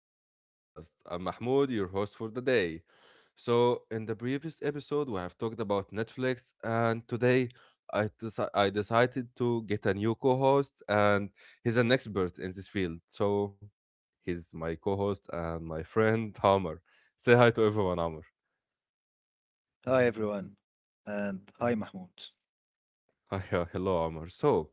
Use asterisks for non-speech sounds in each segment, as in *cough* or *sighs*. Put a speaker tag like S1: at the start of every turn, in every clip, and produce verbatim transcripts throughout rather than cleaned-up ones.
S1: back to our podcast. I'm Mahmoud, your host for the day. So, in the previous episode, we have talked about Netflix, and today I, deci- I decided to get a new co host, and he's an expert in this field. So, he's my co host and my friend, Hammer. Say hi to everyone, Hammer.
S2: Hi everyone, and hi Mahmoud.
S1: Hi, uh, hello, Amar. So,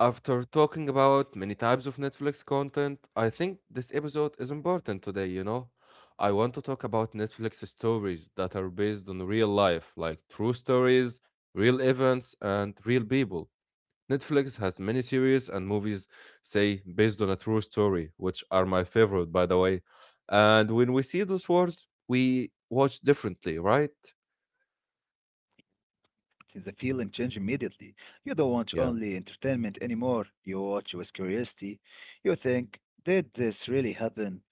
S1: after talking about many types of Netflix content, I think this episode is important today, you know? I want to talk about Netflix stories that are based on real life, like true stories, real events, and real people. Netflix has many series and movies, say, based on a true story, which are my favorite, by the way. And when we see those words, we watch differently, right?
S2: It is a feeling change immediately. You don't watch
S1: Yeah.
S2: only entertainment anymore. You watch with curiosity. You think, did this really happen?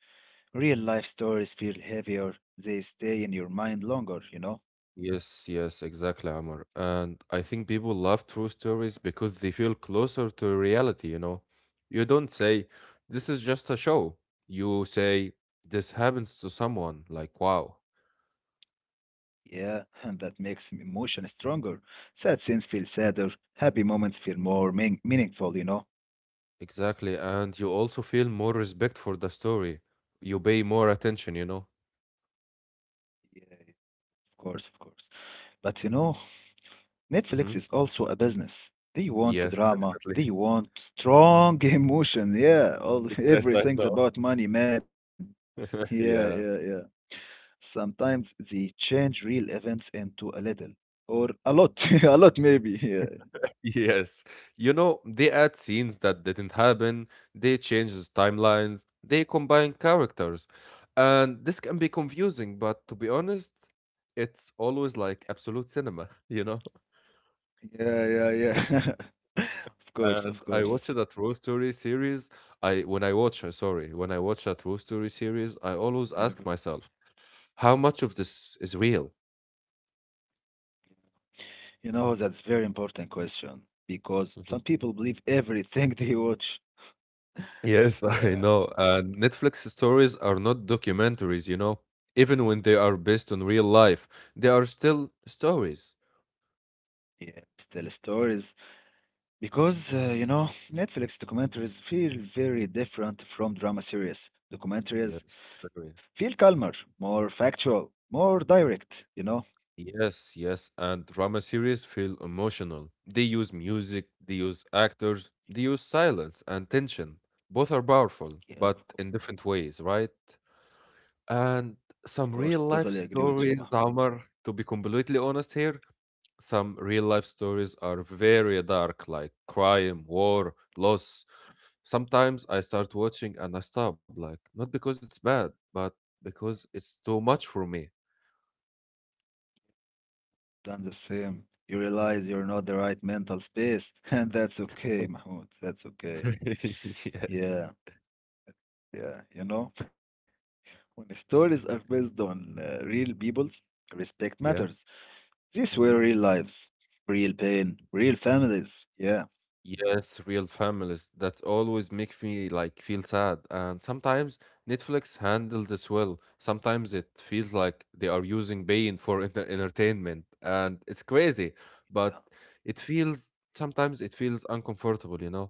S2: Real life stories feel heavier. They stay in your mind longer, you know?
S1: Yes, yes, exactly, Amr. And I think people love true stories because they feel closer to reality, you know. You don't say, this is just a show. You say, this happens to someone, like, wow.
S2: Yeah, *laughs* and that makes emotion stronger. Sad scenes feel sadder. Happy moments feel more mean meaningful, you know?
S1: Exactly. And you also feel more respect for the story. You pay more attention, you know.
S2: Of course, of course. But you know, Netflix
S1: Hmm.
S2: is also a business. They want
S1: Yes,
S2: drama.
S1: definitely.
S2: They want strong *laughs* emotion. Yeah, all
S1: *laughs* Yes, I
S2: everything's
S1: know.
S2: about money, man. Yeah,
S1: *laughs*
S2: yeah,
S1: Yeah.
S2: yeah. Sometimes they change real events into a little or a lot, *laughs* a lot maybe. Yeah,
S1: Yes. You know, they add scenes that didn't happen, they change the timelines, they combine characters. And this can be confusing, but to be honest, it's always like absolute cinema, *laughs* you know?
S2: yeah, yeah, yeah. *laughs* Of course,
S1: And
S2: of
S1: I
S2: course.
S1: watch a True Story series. I when I watch, uh, sorry, When I watch a True Story series, I
S2: Never.
S1: always ask myself, how much of this is real?
S2: You know, that's very important question because some people believe everything *laughs* they watch.
S1: Yes, *laughs* I
S2: Yeah.
S1: know. Uh, Netflix stories are not documentaries, you know. Even when they are based on real life, they are still stories.
S2: Yes, tell stories.
S1: Mhm.
S2: Because, uh, you know, Netflix documentaries feel very different from drama series.
S1: Yes,
S2: Documentaries
S1: very.
S2: feel calmer, more factual, more direct, you know?
S1: Yes, yes. And drama series feel emotional. They use music, they use actors, they use silence and tension. Both are powerful, but
S2: Yeah,
S1: in
S2: of course,
S1: different ways, right? And
S2: of
S1: some
S2: course.
S1: real life
S2: Totally agree with you,
S1: stories,
S2: Mahmoud.
S1: Amar, to be completely honest here, some real life stories are very dark, like crime, war, loss. Sometimes I start watching and I stop, like, not because it's bad, but because it's too much for me.
S2: Done the same. You realize you're not the right mental space, *laughs* and that's okay, Mahmoud. That's okay.
S1: *laughs* Yeah.
S2: Yeah, yeah, you know? When stories are based on uh, real people, respect
S1: Yeah.
S2: matters. These
S1: Hmm.
S2: were real lives, real pain, real families. Yeah,
S1: Yes, real families that always make me like feel sad. And sometimes Netflix handle this well. Sometimes it feels like they are using pain for *laughs* enter- entertainment, and it's crazy. But
S2: yeah.
S1: it feels sometimes it feels uncomfortable, you know.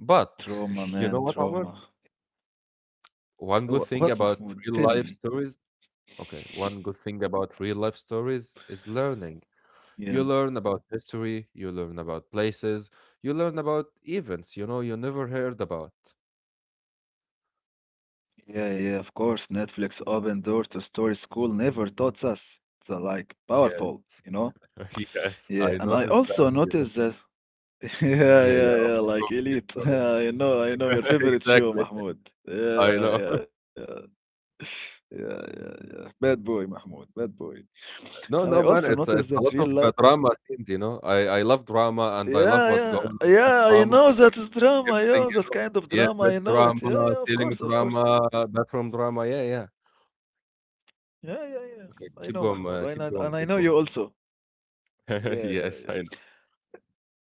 S1: But *laughs* you
S2: Trauma,
S1: know what,
S2: man,
S1: Omar?
S2: trauma. Yeah,
S1: One good
S2: wh-
S1: thing
S2: what,
S1: about
S2: Mahmoud?
S1: real
S2: Tell
S1: life
S2: me.
S1: stories, okay, one good thing about real life stories is learning. You
S2: Yeah,
S1: learn about history, you learn about places, you learn about events, you know, you never heard about.
S2: yeah, yeah. Of course, Netflix opened doors to stories school never taught us. It's uh, like
S1: Yeah,
S2: powerful, you know.
S1: *laughs* yes, I
S2: Yeah, and I
S1: noticed that,
S2: also
S1: you know.
S2: noticed that. *laughs* Yeah,
S1: Yeah, yeah.
S2: yeah,
S1: *laughs*
S2: yeah. Like
S1: Okay,
S2: Elite. *laughs*
S1: cool,
S2: I know, I know your
S1: sorry. *laughs*
S2: favorite show,
S1: Exactly.
S2: Mahmoud.
S1: I
S2: Yeah,
S1: know. *laughs*
S2: yeah, yeah. Yeah, yeah, yeah. Bad boy, Mahmoud. Bad boy. And
S1: No,
S2: I
S1: no,
S2: also
S1: man, it's,
S2: noticed
S1: it's a
S2: that
S1: lot
S2: real
S1: of
S2: life.
S1: uh, drama scenes, you know. I, I love drama and I love
S2: Yeah,
S1: what's
S2: yeah,
S1: going on with
S2: yeah. I
S1: drama,
S2: know that is drama.
S1: everything,
S2: Yeah,
S1: you
S2: that
S1: know.
S2: kind of
S1: Yeah,
S2: drama. I
S1: bed
S2: know it. Yeah,
S1: drama,
S2: yeah. Of
S1: ceiling
S2: course, of course.
S1: drama, bathroom drama. Yeah, yeah.
S2: Yeah, yeah, yeah. I
S1: Okay,
S2: know,
S1: keep
S2: Mahmoud.
S1: going,
S2: I know,
S1: uh, keep
S2: and I
S1: going,
S2: know
S1: keep
S2: you
S1: going.
S2: also. Yeah,
S1: *laughs*
S2: yeah,
S1: Yes, I
S2: yeah.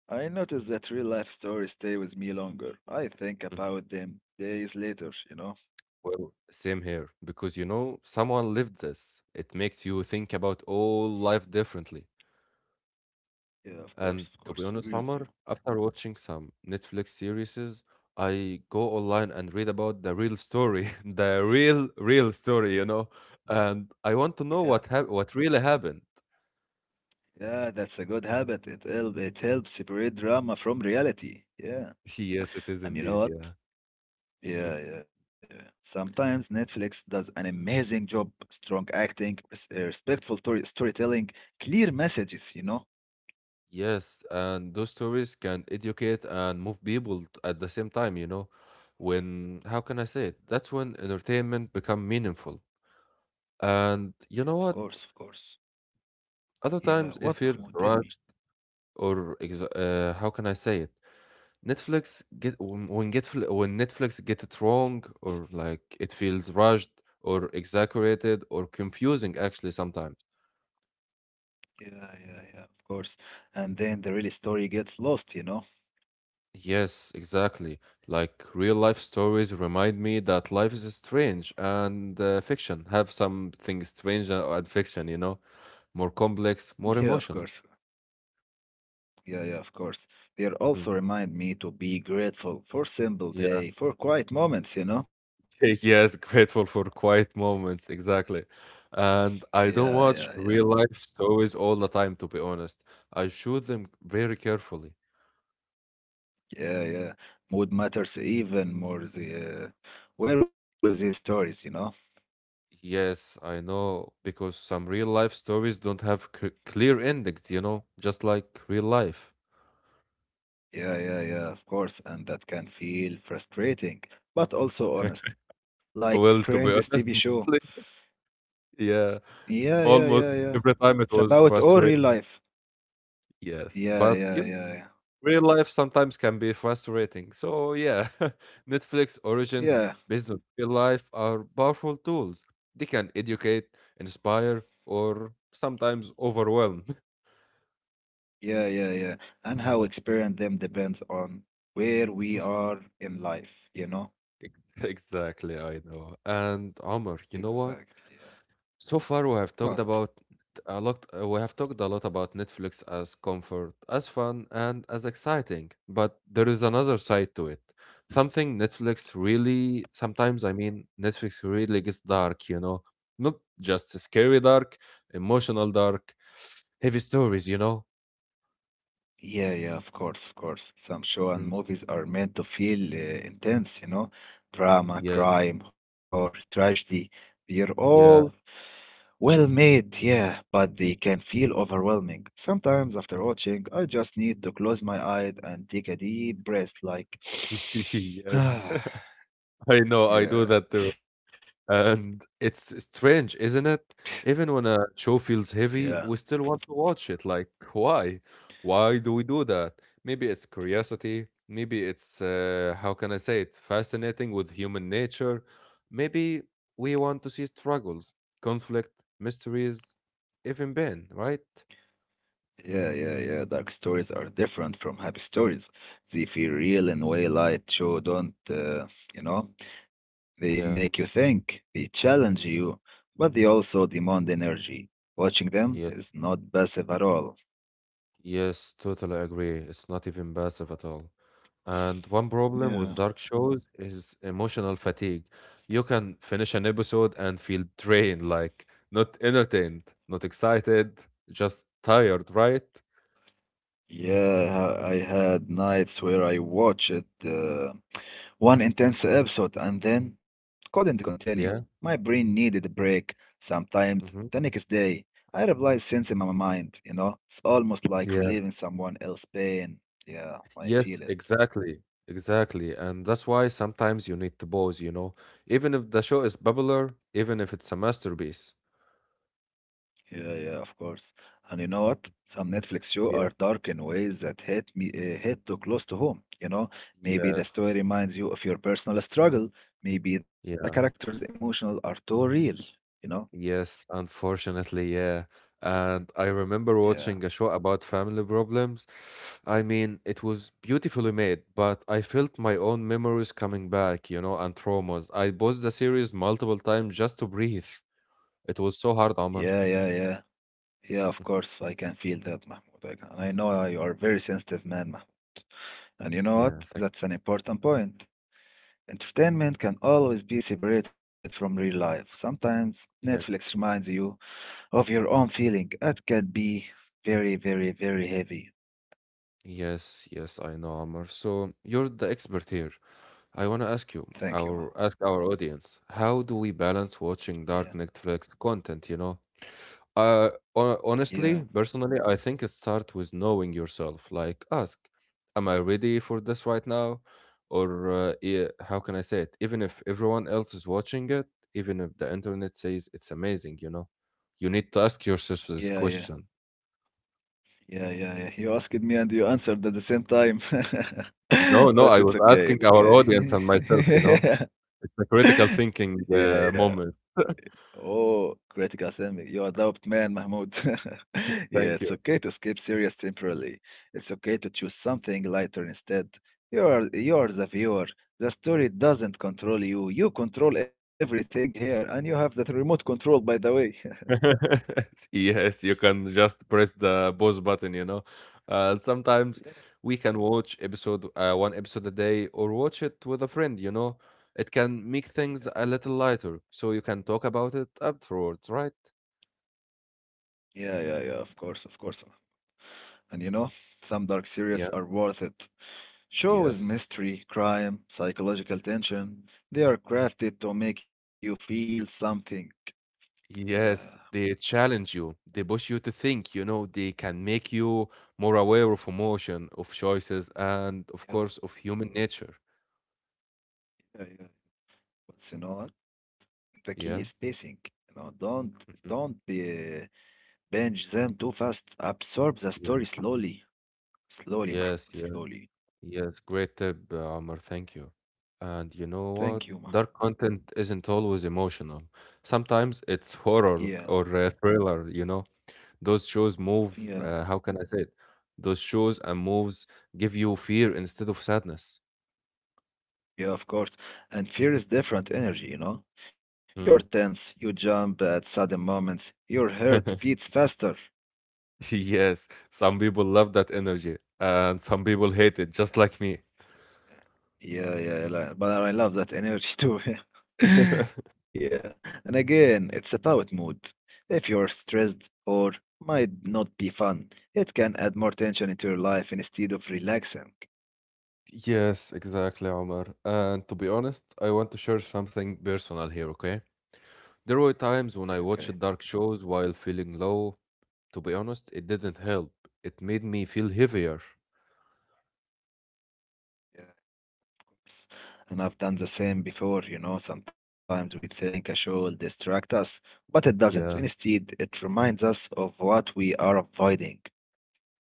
S2: I noticed that real life stories stay with me longer. I think
S1: know.
S2: about them days later. You know.
S1: Well, same here, because you know, someone lived this. It makes you think about all life differently.
S2: Yeah, of course, of
S1: And to
S2: course.
S1: be
S2: Agree
S1: honest,
S2: with you.
S1: Omar, after watching some Netflix series, I go online and read about the real story, *laughs* the real, real
S2: Oh,
S1: story, you know, and I want to
S2: yeah,
S1: know what hap what really happened.
S2: yeah. That's a good habit. It help. It helps separate drama from reality. Yeah.
S1: *laughs* Yes, it is
S2: And you know
S1: indeed,
S2: what?
S1: yeah. Mhm.
S2: Yeah, yeah, yeah. Sometimes Netflix does an amazing job, strong acting, res- uh, respectful story storytelling, clear messages, you know?
S1: Yes, and those stories can educate and move people t- at the same time, you know. When, how can I say it? That's when entertainment become meaningful. And
S2: Yeah, of
S1: you know
S2: course,
S1: what?
S2: of course.
S1: Other
S2: Yeah, what,
S1: times it
S2: Mahmoud?
S1: feels
S2: Tell me.
S1: rushed or ex- uh, how can I say it? Netflix get when when get fl- When Netflix get it wrong or like it feels rushed or exaggerated or confusing actually sometimes.
S2: Yeah, yeah, yeah, of course. And then the real story gets lost, you know?
S1: Yes, exactly. Like real life stories remind me that life is strange and uh, fiction have something strange and and fiction, you know, more complex,
S2: Yeah,
S1: more
S2: of course.
S1: emotional.
S2: Yeah, yeah, of course. They are
S1: Hmm.
S2: also remind me to be grateful for simple day, for quiet moments, you know?
S1: *laughs* Yes, grateful for quiet moments, exactly. And I
S2: Yeah,
S1: don't
S2: yeah,
S1: watch
S2: yeah.
S1: real life stories all the time, to be honest. I shoot them very carefully.
S2: Yeah, yeah. Mood matters even more the uh, where with these stories, you know?
S1: Yes, I know, because some real life stories don't have c clear endings, you know, just like real life.
S2: Yeah, yeah, yeah, of course. And that can feel frustrating, but also honest. Like
S1: Well,
S2: Friends
S1: to be
S2: T V
S1: honest, *laughs*
S2: show.
S1: mostly, yeah,
S2: Yeah, yeah, yeah,
S1: almost
S2: yeah.
S1: every
S2: It's
S1: time it was
S2: about all real
S1: frustrating.
S2: life.
S1: Yes,
S2: Yeah,
S1: but
S2: yeah,
S1: you
S2: yeah, yeah.
S1: real life sometimes can be frustrating. So, yeah, *laughs* Netflix origins
S2: Yeah,
S1: based on real life are powerful tools. They can educate, inspire, or sometimes overwhelm.
S2: yeah, yeah, yeah. And how experience them depends on where we are in life, you know?
S1: *laughs* Ex- exactly, I know. And Omar, you know
S2: Exactly,
S1: what?
S2: yeah.
S1: So far, we have
S2: What?
S1: talked about a lot. uh, We have talked a lot about Netflix as comfort, as fun, and as exciting. But there is another side to it. Something Netflix really, sometimes I mean, Netflix really gets dark. You know, not just scary dark, emotional dark, heavy stories. You know.
S2: Yeah, yeah, of course, of course. Some show and
S1: Mm.
S2: movies are meant to feel uh, intense, you know, drama,
S1: Yes.
S2: crime, horror, tragedy. They're
S1: Yeah.
S2: all well made, yeah, but they can feel overwhelming. Sometimes
S1: *laughs*
S2: after watching, I just need to close my eyes and take a deep breath, like,
S1: Yes.
S2: *sighs*
S1: *laughs*
S2: yeah,
S1: I know. I do that too. And it's strange, isn't it? Even when a show feels heavy, we
S2: yeah.
S1: still want to watch it. Like, why? Why do we do that? Maybe it's curiosity. Maybe it's, uh, how can I say it, fascinating with human nature. Maybe we want to see struggles, conflict, mysteries, even pain, right?
S2: Yeah, yeah, yeah. Dark stories are different from happy stories. They feel real in a way light show don't, uh, you know. They
S1: Yeah,
S2: make you think, they challenge you, but they also demand energy. Watching
S1: yeah,
S2: them is not passive at all.
S1: yes, totally agree. It's not even passive at all. And one problem with
S2: Yeah.
S1: dark shows is emotional fatigue. You can finish an episode and feel drained, like not entertained, not excited, just tired, right?
S2: Yeah, I I had nights where I watched it. Uh, One intense episode and then couldn't continue. My
S1: Yeah.
S2: brain needed a break. Sometimes the
S1: Hmm.
S2: next day, I replied since in my mind, you know, it's almost like
S1: Yeah.
S2: relieving someone else's pain. Yeah, I feel
S1: Yes,
S2: it.
S1: exactly. Exactly. And that's why sometimes you need to pause, you know, even if the show is popular, even if it's a masterpiece.
S2: Yeah, yeah, of course. And you know what? Some Netflix show are
S1: Yeah.
S2: dark in ways that hit me, uh, hit too close to home. You know, maybe the story
S1: Yes.
S2: reminds you of your personal struggle. Maybe the characters' emotional are too real. You know?
S1: Yes, unfortunately, yeah. And I remember
S2: Yeah,
S1: watching a show about family problems. I mean, it was beautifully made, but I felt my own memories coming back, you know, and traumas. I paused the series multiple times just to breathe. It was so hard,
S2: yeah,
S1: Amr.
S2: yeah, yeah. Yeah, of
S1: Mhm.
S2: course, I can feel that, Mahmoud. I can, I know uh, you are a very sensitive man, Mahmoud. And you know what?
S1: Yeah, thank
S2: That's an important point. Entertainment can always be separated from real life. Sometimes
S1: yeah.
S2: Netflix reminds you of your own feeling. That can be very, very, very heavy.
S1: Yes, yes, I know, Amr. So you're the expert here. I want to ask you,
S2: Thank you, Mahmoud.
S1: our ask our audience, how do we balance
S2: Yeah,
S1: watching dark Netflix content, you know? Uh, ho-
S2: yeah,
S1: Honestly, personally, I think it starts with knowing yourself. Like, ask, am I ready for this right now? Or uh, e- how can I say it? Even if everyone else is watching it, even if the internet says it's amazing, you know, you need to ask yourself
S2: yeah,
S1: this
S2: yeah,
S1: question.
S2: yeah, yeah, yeah. You asked me and you answered at the same time.
S1: No,
S2: *laughs*
S1: no,
S2: But
S1: I
S2: it's
S1: was
S2: okay,
S1: asking
S2: it's
S1: our audience
S2: okay.
S1: and myself, you know,
S2: *laughs*
S1: it's a critical
S2: Yeah,
S1: thinking
S2: yeah.
S1: uh, moment.
S2: Oh, critical thinking. You are adopt man, Mahmoud. *laughs* Yeah, it's
S1: Thank you.
S2: okay to skip serious temporarily. It's okay to choose something lighter instead. You are you are the viewer. The story doesn't control you. You control everything here, and you have that remote control, by the way. *laughs*
S1: *laughs* Yes, you can just press the pause button, you know. Uh, sometimes
S2: Yeah.
S1: we can watch episode uh, one episode a day or watch it with a friend, you know. It can make things a little lighter, so you can talk about it afterwards, right?
S2: Yeah, yeah, yeah, of course, of course. And you know, some dark
S1: Yeah.
S2: series are worth it. Shows
S1: Yes.
S2: mystery, crime, psychological tension. They are crafted to make you feel something. Yeah,
S1: Yes, they challenge you. They push you to think, you know, they can make you more aware of emotion, of choices, and of
S2: yeah.
S1: course of human nature.
S2: Yeah, yeah. yeah. But you know what? The key is
S1: Yeah.
S2: spacing. You know, don't don't
S1: Mhm.
S2: be binge them too fast. Absorb the story slowly, slowly, Mahmoud,
S1: Yes, yes,
S2: slowly.
S1: yes. Great tip, uh, Amr. Thank you. And you know what?
S2: Thank you, Mahmoud.
S1: Dark content isn't always emotional. Sometimes it's *laughs*
S2: Yeah,
S1: horror or uh, thriller, you know. Those shows move,
S2: yeah,
S1: uh, how can I say it? Those shows and moves give you fear instead of sadness.
S2: yeah. Of course. And fear is different energy. You know, you're
S1: Mm.
S2: tense. You jump at sudden moments. Your heart beats
S1: *laughs*
S2: faster.
S1: Yes, some people love that energy and some people hate it, just like me.
S2: Yeah, yeah, I li- but I love that energy too. *laughs*
S1: *laughs*
S2: Yeah. And again, it's about mood. If you're stressed or might not be fun, it can add more tension into your life instead of relaxing.
S1: Yes, exactly, Omar. And to be honest, I want to share something personal here, okay? There were
S2: Yeah,
S1: times when
S2: okay.
S1: I watched dark shows while feeling low. To be honest, it didn't help. It made me feel heavier.
S2: Yeah. it's- And I've done the same before, you know, sometimes we think a show will distract us, but it doesn't.
S1: Yeah.
S2: Instead, it reminds us of what we are avoiding.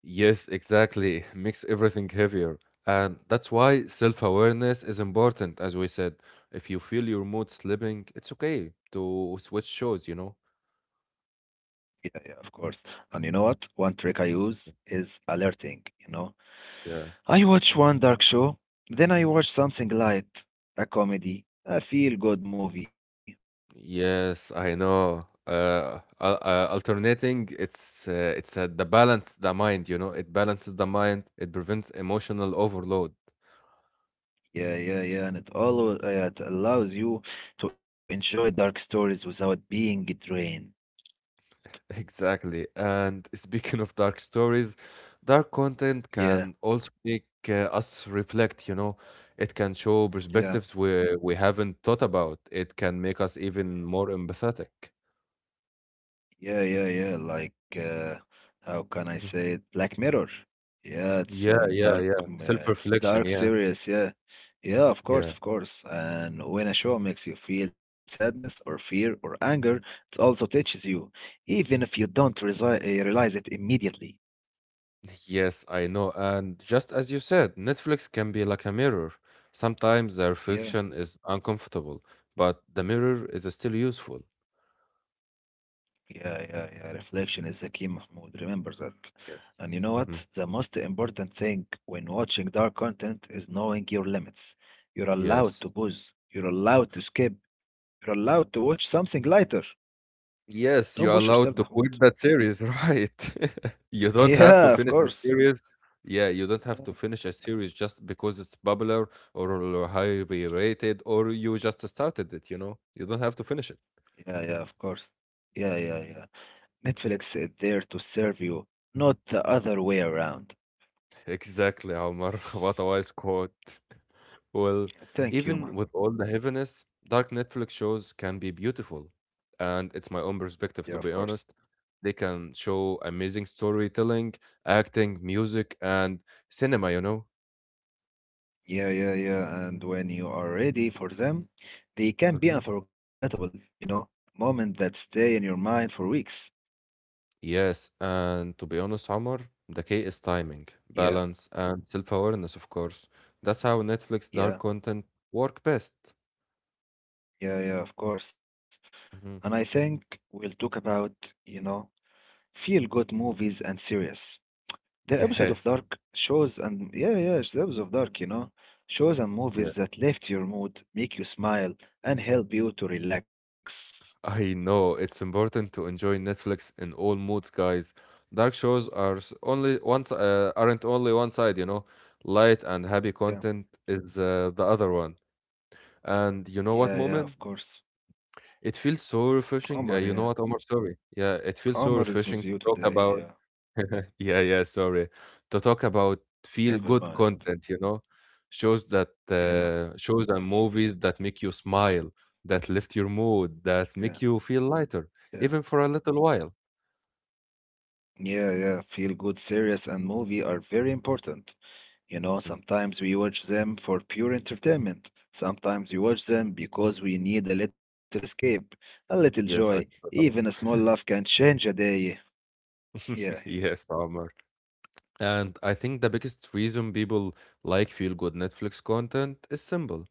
S1: Yes, exactly. *laughs* Makes everything heavier. And that's why self awareness is important, as we said. If you feel your mood slipping, it's okay to switch shows, you know?
S2: Yeah, yeah, of course. And you know what? One trick I use is alerting, you know.
S1: Yeah.
S2: I watch one dark show, then I watch something light, a comedy, a feel-good movie.
S1: Yes, I know. Uh, al- uh, alternating, it's uh, it's uh, the balance the mind, you know. It balances the mind. It prevents emotional overload.
S2: Yeah, yeah, yeah, and it always uh, it allows you to enjoy dark stories without being drained.
S1: Exactly. And *laughs* speaking of dark stories, dark content
S2: Yeah,
S1: can also make uh, us reflect, you know. It can show
S2: yeah.
S1: perspectives we we haven't thought about. It can make us even more empathetic.
S2: Yeah, yeah, yeah. Like, uh, how can I
S1: Mhm.
S2: say it? Black Mirror. Yeah, it's
S1: Yeah,
S2: an
S1: yeah,
S2: dark,
S1: yeah.
S2: m- uh, it's
S1: Self-reflection,
S2: dark
S1: yeah.
S2: series. Yeah, yeah, of course,
S1: Yeah.
S2: of course. And when a show makes you feel sadness or fear or anger, it also touches you, even if you don't resi- uh, realize it immediately.
S1: Yes, I know. And just as you said, Netflix can be like a mirror. Sometimes the
S2: Yeah.
S1: reflection is uncomfortable, but the mirror is still useful.
S2: Yeah, yeah, yeah. Reflection is the key, Mahmoud. Remember that. And you
S1: Yes.
S2: know what?
S1: Mhm.
S2: The most important thing when watching dark content is knowing your limits. You're allowed
S1: Yes.
S2: to pause. You're allowed to skip. You're allowed to watch something lighter. Don't push
S1: Yes, you're
S2: yourself,
S1: allowed
S2: Mahmoud.
S1: to
S2: *laughs*
S1: quit that series, *laughs* right? *laughs* You don't have
S2: Yeah,
S1: to
S2: of
S1: finish a
S2: course.
S1: series. Yeah, you don't have to
S2: No.
S1: finish a series just because it's popular or highly rated or you just started it, you know? You don't have to finish it.
S2: Yeah, yeah, of course. Yeah, yeah, yeah. Netflix is there to serve you, not the other way around.
S1: Exactly, Omar. *laughs* What a wise quote. *laughs* Well,
S2: Thank you, Mahmoud.
S1: even with all the heaviness, dark Netflix shows can be beautiful. And it's my own
S2: Yeah, of
S1: perspective, to be
S2: course.
S1: honest. They can show amazing storytelling, acting, music, and cinema, you know?
S2: Yeah, yeah, yeah. And when you are ready for them, they can be
S1: Mhm.
S2: unforgettable, you know, moment that stay in your mind for weeks.
S1: Yes, and to be honest, Omar, the key is timing,
S2: Yeah,
S1: balance, and self-awareness, of course. That's how Netflix
S2: yeah,
S1: dark content work best.
S2: yeah, yeah, of course. And I
S1: Mhm.
S2: think we'll talk about, you know, feel good movies and series. The episode of
S1: Yes,
S2: Dark shows and yeah, yeah, it's the episode of Dark, you know, shows and movies
S1: yeah,
S2: that lift your mood, make you smile, and help you to relax.
S1: I know. It's important to enjoy Netflix in all moods, guys. Dark shows are s- only once uh, aren't only one side, you know. Light and happy
S2: Yeah,
S1: content is uh, the other one. And you know what,
S2: yeah, yeah,
S1: Moment?
S2: of course.
S1: It feels so
S2: Omar,
S1: refreshing.
S2: yeah.
S1: Uh, you know what, Omar? Sorry. Yeah, it feels
S2: Omar is
S1: so
S2: with you
S1: refreshing to talk
S2: today, yeah.
S1: about. Yeah, yeah, sorry. To talk about feel
S2: Never
S1: good
S2: mind.
S1: content, you know, shows that
S2: Yeah,
S1: uh, shows and movies that make you smile, that lift your mood,
S2: yeah,
S1: that make you feel lighter,
S2: yeah.
S1: even for a little while.
S2: Yeah, yeah. Feel good series and movie are very important. You know,
S1: Mhm.
S2: sometimes we watch them for pure entertainment. Sometimes we watch them because we need a little escape, a little joy.
S1: Yes, I
S2: Even a small
S1: *laughs*
S2: laugh can change a day. Yeah,
S1: yes, Amr. And I think the biggest reason people like feel good Netflix content is simple.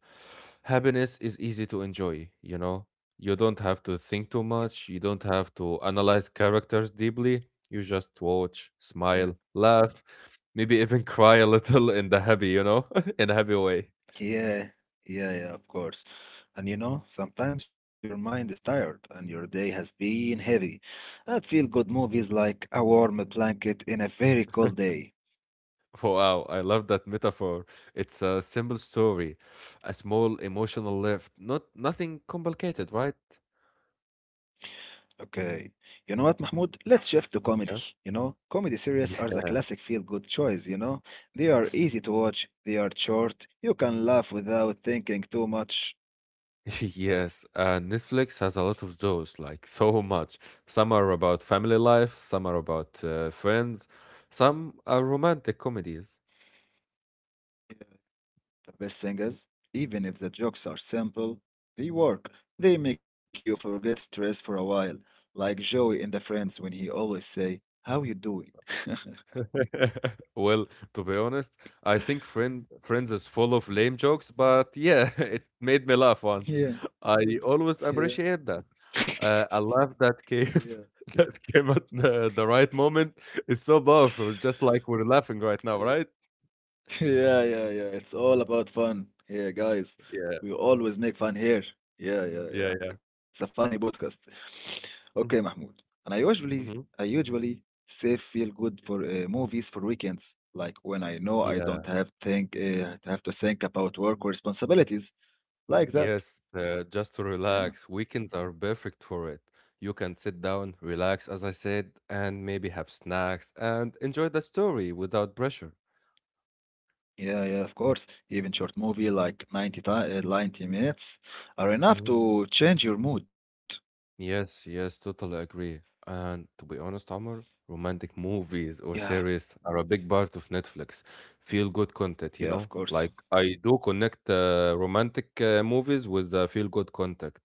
S1: Happiness is easy to enjoy, you know? You don't have to think
S2: yeah,
S1: too much, you don't have to analyze characters deeply. You just watch,
S2: yeah.
S1: smile, laugh, maybe even *laughs* cry a little in the happy, you know? *laughs* In a happy way.
S2: Yeah, yeah, yeah, of course. And you know, sometimes your mind is tired and your day has been heavy. I feel good movies like a warm blanket in a very cold day.
S1: Wow, I love that metaphor. It's a simple story, a small emotional lift, not nothing complicated, right?
S2: Okay. You know what, Mahmoud? Let's shift to comedy.
S1: Yeah.
S2: You know, comedy series are
S1: Yeah.
S2: the classic feel-good choice, you know? They are easy to watch, they are short, you can laugh without thinking too much.
S1: *laughs* Yes, uh, Netflix has a lot of those, like so much. Some are about family life, some are about uh, friends, some are romantic comedies.
S2: Yeah, the best thing is, even if the jokes are simple, they work. They make you forget stress for a while, like Joey in The Friends when he always say, "How you doing?" *laughs*
S1: *laughs* Well, to be honest, I think friend Friends is full of lame jokes, but yeah, *laughs* it made me laugh once.
S2: Yeah,
S1: I always
S2: yeah.
S1: appreciate that. Uh, a laugh that
S2: *laughs*
S1: came *laughs* that came at the, the right moment is so powerful, just like we're laughing right now,
S2: Yeah.
S1: right?
S2: *laughs* Yeah, yeah, yeah. It's all about fun here, guys.
S1: Yeah,
S2: We always make fun here. Yeah, yeah, yeah.
S1: yeah, yeah.
S2: It's a funny podcast. *laughs* Okay, Mahmoud.
S1: Hmm.
S2: And I usually, I
S1: Hmm.
S2: usually save feel good for uh, movies for weekends, like when I know I don't
S1: Yeah.
S2: have think uh, have to think about work or responsibilities like that.
S1: Yes, uh, just to
S2: Yeah,
S1: relax. Weekends are perfect for it. You can sit down, relax, as I said, and maybe have snacks and enjoy the story without pressure.
S2: yeah, yeah. Of course, even short movie like 90 ti- uh, ninety minutes are enough to change your mood.
S1: Yes, yes, totally agree. And to be honest, Amr, romantic movies or
S2: Yeah,
S1: series are a big part of Netflix. Feel good content, you
S2: yeah. Of
S1: know?
S2: course.
S1: Like I do connect uh, romantic uh, movies with uh, feel good content,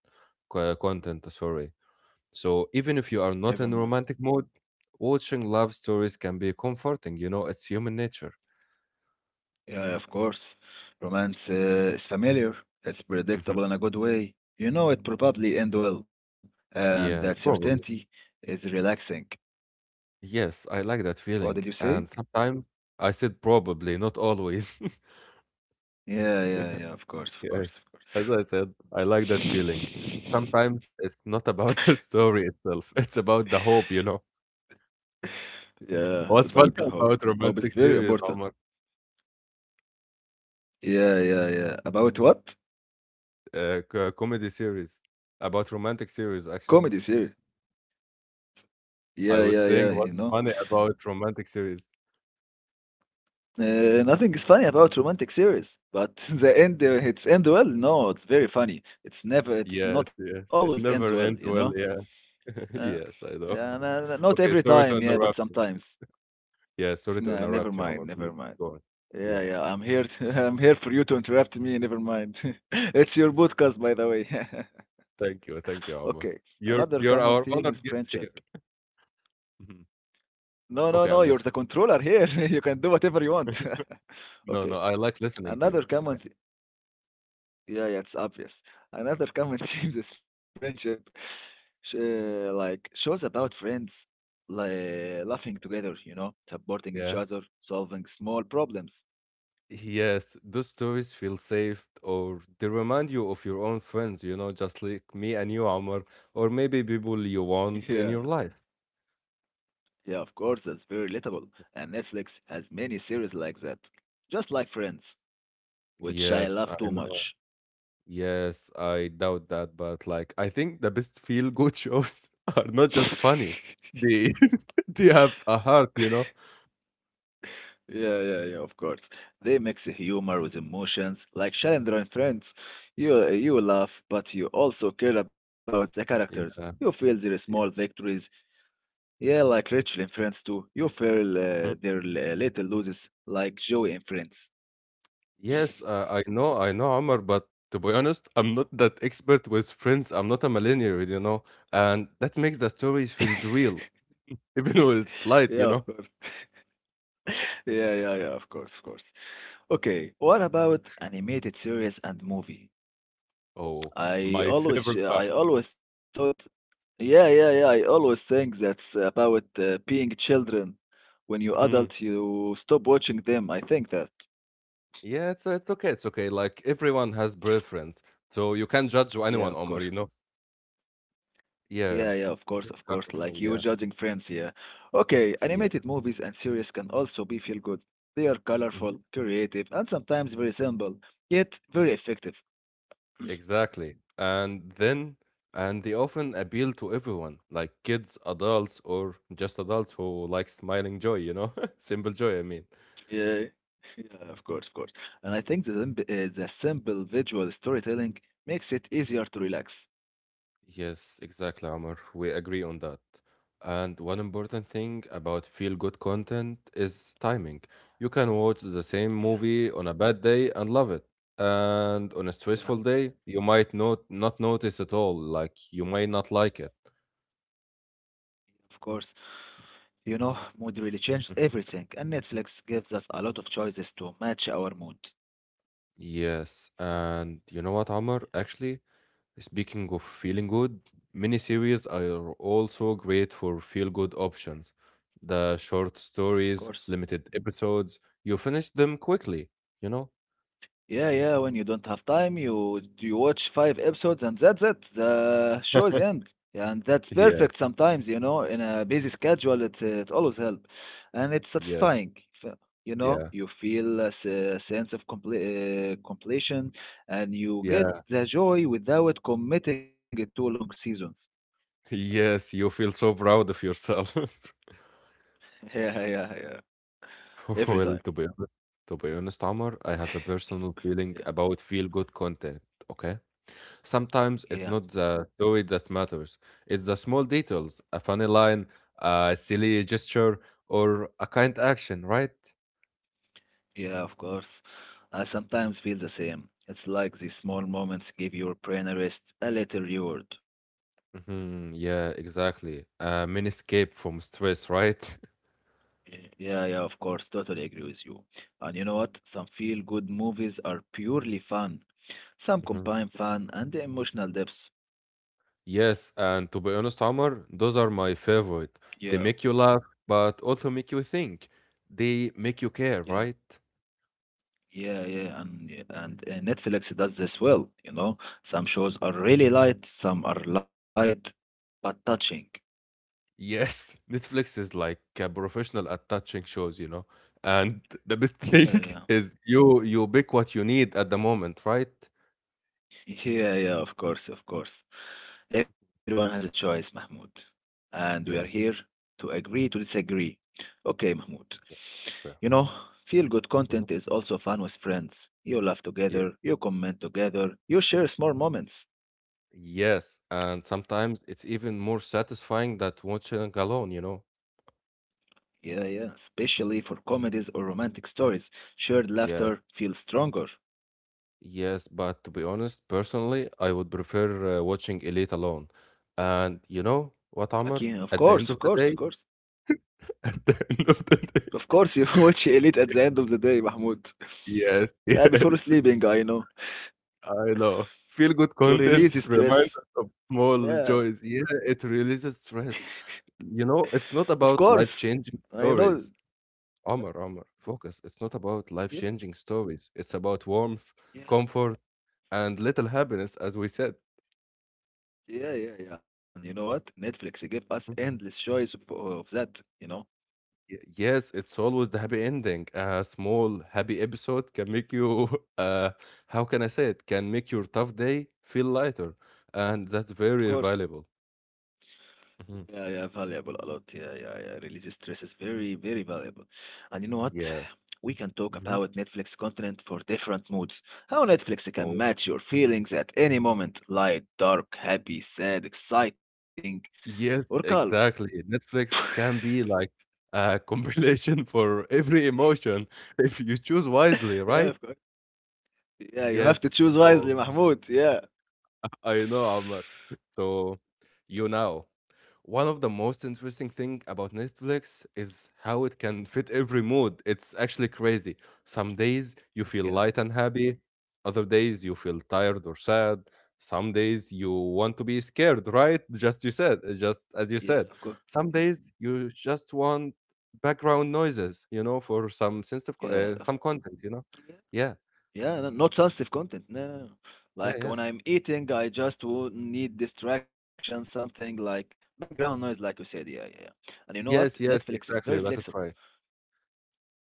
S1: co- content, sorry. So even if you are
S2: Never
S1: not
S2: mind.
S1: in romantic mood, watching love stories can be comforting, you know? It's human nature.
S2: Yeah, of course. Romance uh, is familiar, it's
S1: Hmm.
S2: predictable in a good way. You know it probably end well, and that
S1: Yeah,
S2: certainty
S1: probably.
S2: is relaxing.
S1: Yes, I like that
S2: What did you
S1: feeling.
S2: say?
S1: And sometimes I said probably, not always.
S2: Yeah, yeah,
S1: *laughs*
S2: yeah, of course, of course, of
S1: Yes.
S2: course.
S1: As I said, I like that feeling. Sometimes
S2: *laughs*
S1: it's not about *laughs* the story itself, it's about the hope, you know.
S2: Yeah, it's
S1: *laughs* What's
S2: about the
S1: funny
S2: hope.
S1: about
S2: Hope is
S1: romantic
S2: very
S1: series,
S2: important.
S1: Omar,
S2: Yeah, yeah, yeah. About what?
S1: uh, co- comedy series, about romantic series,
S2: Comedy
S1: actually.
S2: series. Yeah, yeah,
S1: I was
S2: yeah, you
S1: saying what's
S2: know.
S1: funny about romantic series.
S2: Uh, nothing is funny about romantic series, but *laughs* the end uh,
S1: Okay.
S2: it's end well. No, it's very funny. It's never, it's
S1: Yes,
S2: not always
S1: yes.
S2: ends
S1: It
S2: well, you
S1: never
S2: know.
S1: ends well, yeah.
S2: Uh,
S1: *laughs* Yes,
S2: and,
S1: I know.
S2: uh, not every
S1: Okay,
S2: time,
S1: sorry to
S2: yeah, but
S1: interrupt you.
S2: sometimes. *laughs*
S1: Yeah, sorry to
S2: Nah, never
S1: interrupt you,
S2: mind,
S1: Omar.
S2: never
S1: Please
S2: mind.
S1: go on.
S2: Yeah,
S1: Yeah.
S2: yeah, I'm here. *laughs* I'm here for you to interrupt me. Never mind. *laughs* It's your
S1: It's
S2: podcast, by the way. *laughs*
S1: Thank you, thank
S2: Okay,
S1: you, Omar.
S2: another
S1: You're
S2: common
S1: you're
S2: theme is
S1: our honored
S2: friendship.
S1: guest here. *laughs* Mhm.
S2: No, no, no,
S1: Okay,
S2: you're
S1: I'm
S2: the
S1: listening.
S2: controller here. *laughs* You can do whatever you want. *laughs*
S1: No,
S2: Okay,
S1: no, I like listening to
S2: another
S1: you. It's
S2: common
S1: okay.
S2: yeah, yeah, it's obvious. Another common *laughs* theme is friendship sh- uh, like shows about friends like laughing together, you know, supporting each
S1: Yeah.
S2: other, solving small problems.
S1: Yes, those stories feel safe or they remind you of your own friends, you know, just like me and you, Omar, or maybe people you
S2: Yeah,
S1: want in your life.
S2: yeah, of course, that's very relatable. And Netflix has many series like that, just like Friends, which I
S1: Yes,
S2: love
S1: I
S2: too
S1: know.
S2: much.
S1: Yes, I doubt that, but like I think the best feel good shows *laughs* are not just funny. They *laughs* they have a heart, you know?
S2: Yeah, yeah, yeah, of course. They mix humor with emotions, like Chandler and Friends. You you laugh, but you also care about the characters.
S1: Yeah.
S2: You
S1: Yeah.
S2: feel their small victories. Yeah, like Rachel in Friends too. You feel uh, their l- uh, little loses, like Joey in Friends.
S1: Yes, uh, I know, I know, Omar, but to be honest, I'm not that expert with friends. I'm not a millennial, you know, and that makes the story feels real, *laughs* even though it's
S2: Yeah,
S1: light,
S2: of
S1: you know.
S2: course. Yeah, yeah, yeah, of course, of course. Okay, what about animated series and movie?
S1: Oh,
S2: I
S1: my
S2: always,
S1: favorite
S2: uh,
S1: part.
S2: I always thought, yeah, yeah, yeah. I always think that's about uh, being children. When you
S1: Mhm.
S2: adult, you stop watching them. I think that.
S1: Yeah, it's it's okay, it's okay. Like everyone has preference, so you can't judge
S2: Yeah,
S1: anyone,
S2: of
S1: Omar,
S2: course.
S1: you know.
S2: Yeah, yeah, of
S1: Yeah,
S2: course, of course.
S1: very
S2: Like you
S1: colorful.
S2: judging
S1: Yeah,
S2: friends, yeah. Okay, animated
S1: yeah.
S2: movies and series can also be feel good. They are colorful,
S1: Mhm.
S2: creative, and sometimes very simple, yet very effective.
S1: Exactly. And then, and they often appeal to everyone, like kids, adults, or just adults who like smiling joy, you know? *laughs* Simple joy, I mean.
S2: Yeah, *laughs* yeah, of course, of course. And I think the, simp- uh, the simple visual storytelling makes it easier to relax.
S1: Yes, exactly, Amr. We agree on that. And one important thing about feel good content is timing. You can watch the same
S2: Yeah,
S1: movie on a bad day and love it. And on a
S2: yeah,
S1: stressful day, you might not not notice at all, like you might not like it.
S2: of course. You know, mood really changes everything, and Netflix gives us a lot of choices to match our mood.
S1: Yes, and you know what, Amr? Actually, speaking of
S2: Yeah,
S1: feeling good, miniseries are also great for feel good options. The short
S2: yeah, of course.
S1: stories, limited episodes, you finish them quickly, you know?
S2: Yeah, yeah. When you don't have time, you you watch five episodes and that's it. The show is end. Yeah, and that's perfect
S1: Yes,
S2: sometimes, you know, in a busy schedule, it, it always helps. And it's
S1: yes,
S2: satisfying. f- You know,
S1: yeah,
S2: you feel a se- sense of comple- uh, completion and you get
S1: yeah. *laughs*
S2: the joy without committing to long seasons.
S1: Yes, you feel so proud of yourself. *laughs*
S2: *laughs* Yeah, yeah, yeah. Every
S1: *laughs*
S2: time.
S1: Well, to be honest, to be honest, Amar, I have a personal feeling
S2: Yeah.
S1: about feel good content, okay? Sometimes it's
S2: Yeah,
S1: not the toy that matters, it's the small details, a funny line, a silly gesture, or a kind action, right?
S2: yeah, of course. I sometimes feel the same. It's like these small moments give your brain a rest, a little reward.
S1: Hmm. Yeah, exactly. A mini escape from stress, right? *laughs*
S2: Y- Yeah, yeah, of course, totally agree with you. And you know what? Some feel-good movies are purely fun. Some
S1: Mhm.
S2: combine fun and the emotional depths.
S1: Yes, and to be honest, Omar, those are my favorite.
S2: Yeah,
S1: They make you laugh, but also make you think. They make you care,
S2: yeah,
S1: right?
S2: yeah, yeah. And y- and uh, Netflix does this well. You know, some shows are really light, some are light but touching.
S1: Yes, *laughs* Netflix is like a professional at touching shows, you know. And *laughs* the best
S2: Yeah,
S1: thing
S2: yeah.
S1: *laughs* is you you pick what you need at the moment, right?
S2: Yeah, yeah, of course, of course. Everyone has a choice, Mahmoud. And we are here
S1: Yes.
S2: to agree to disagree. Okay, Mahmoud.
S1: Yeah, it's
S2: You
S1: fair.
S2: know, feel good content
S1: Mhm.
S2: is also fun with friends. You laugh
S1: Yeah.
S2: together, you comment together, you share small moments.
S1: Yes, and sometimes it's even more satisfying than watching alone, you know.
S2: Yeah, yeah, especially for comedies or romantic stories. Shared
S1: Yeah.
S2: laughter feels stronger.
S1: Yes, but to be honest, personally, I would prefer uh, watching Elite alone. And you know what,
S2: Again, of
S1: Amr?
S2: course, of
S1: At the end
S2: course, of
S1: of the
S2: course.
S1: day, *laughs* at the end of the
S2: Of
S1: day,
S2: course, you *laughs* watch Elite at the end of the day, Mahmoud. *laughs*
S1: *laughs* yes,
S2: Yeah, before
S1: yes.
S2: sleeping, I know.
S1: I know. Feel good
S2: To
S1: content
S2: release
S1: *laughs* reminds
S2: stress.
S1: us of small
S2: Yeah,
S1: joys. Yeah, it releases stress. You know, it's
S2: of
S1: not about
S2: course.
S1: life-changing
S2: I know.
S1: stories.
S2: Yeah,
S1: Omar, Omar, focus. It's not about
S2: yeah,
S1: life-changing stories. It's about warmth,
S2: yeah,
S1: comfort, and little happiness, as we said.
S2: yeah, yeah. Yeah. And you know what? Netflix gave us
S1: Mm.
S2: endless choice of, of that. You know,
S1: Y- yes, it's always the happy ending. A small happy episode can make you, *laughs* uh, how can I say it? Can make your tough day feel lighter, and that's
S2: of
S1: very
S2: course.
S1: valuable.
S2: Yeah,
S1: Mhm.
S2: yeah, valuable a lot. Yeah, yeah, yeah. Release stress is very, very valuable. And you know what?
S1: Yeah.
S2: We can talk
S1: Mhm.
S2: about Netflix content for different moods. How Netflix can match your feelings at any moment, light, dark, happy, sad, exciting, or
S1: Yes,
S2: calm.
S1: exactly. Netflix can be like a *laughs* compilation for every emotion if you choose wisely,
S2: Yeah, of
S1: right?
S2: course. Yeah, you have to
S1: Yes.
S2: choose
S1: So
S2: wisely, Mahmoud. Yeah.
S1: I
S2: *sighs*
S1: know, Amr. So, you know, one of the most interesting thing about Netflix is how it can fit every mood. It's actually crazy. Some days you feel
S2: Yeah,
S1: light and happy, other days you feel tired or sad. Some days you want to be scared, right? Just you said, uh, just
S2: yeah,
S1: as you
S2: of course.
S1: said.
S2: Yeah,
S1: Some days you just want background noises, you know, for some sense of co-
S2: yeah,
S1: uh,
S2: of-
S1: some content, you know.
S2: yeah,
S1: Yeah,
S2: yeah. No, not sensitive content. No, no, no.
S1: yeah,
S2: Like
S1: yeah.
S2: when I'm eating, I just wo- need distraction, something like background noise, like you said. Yeah, yeah, yeah. And you know what?
S1: Yes,
S2: Netflix is
S1: yes,
S2: very
S1: exactly. You
S2: flexible.
S1: got it right.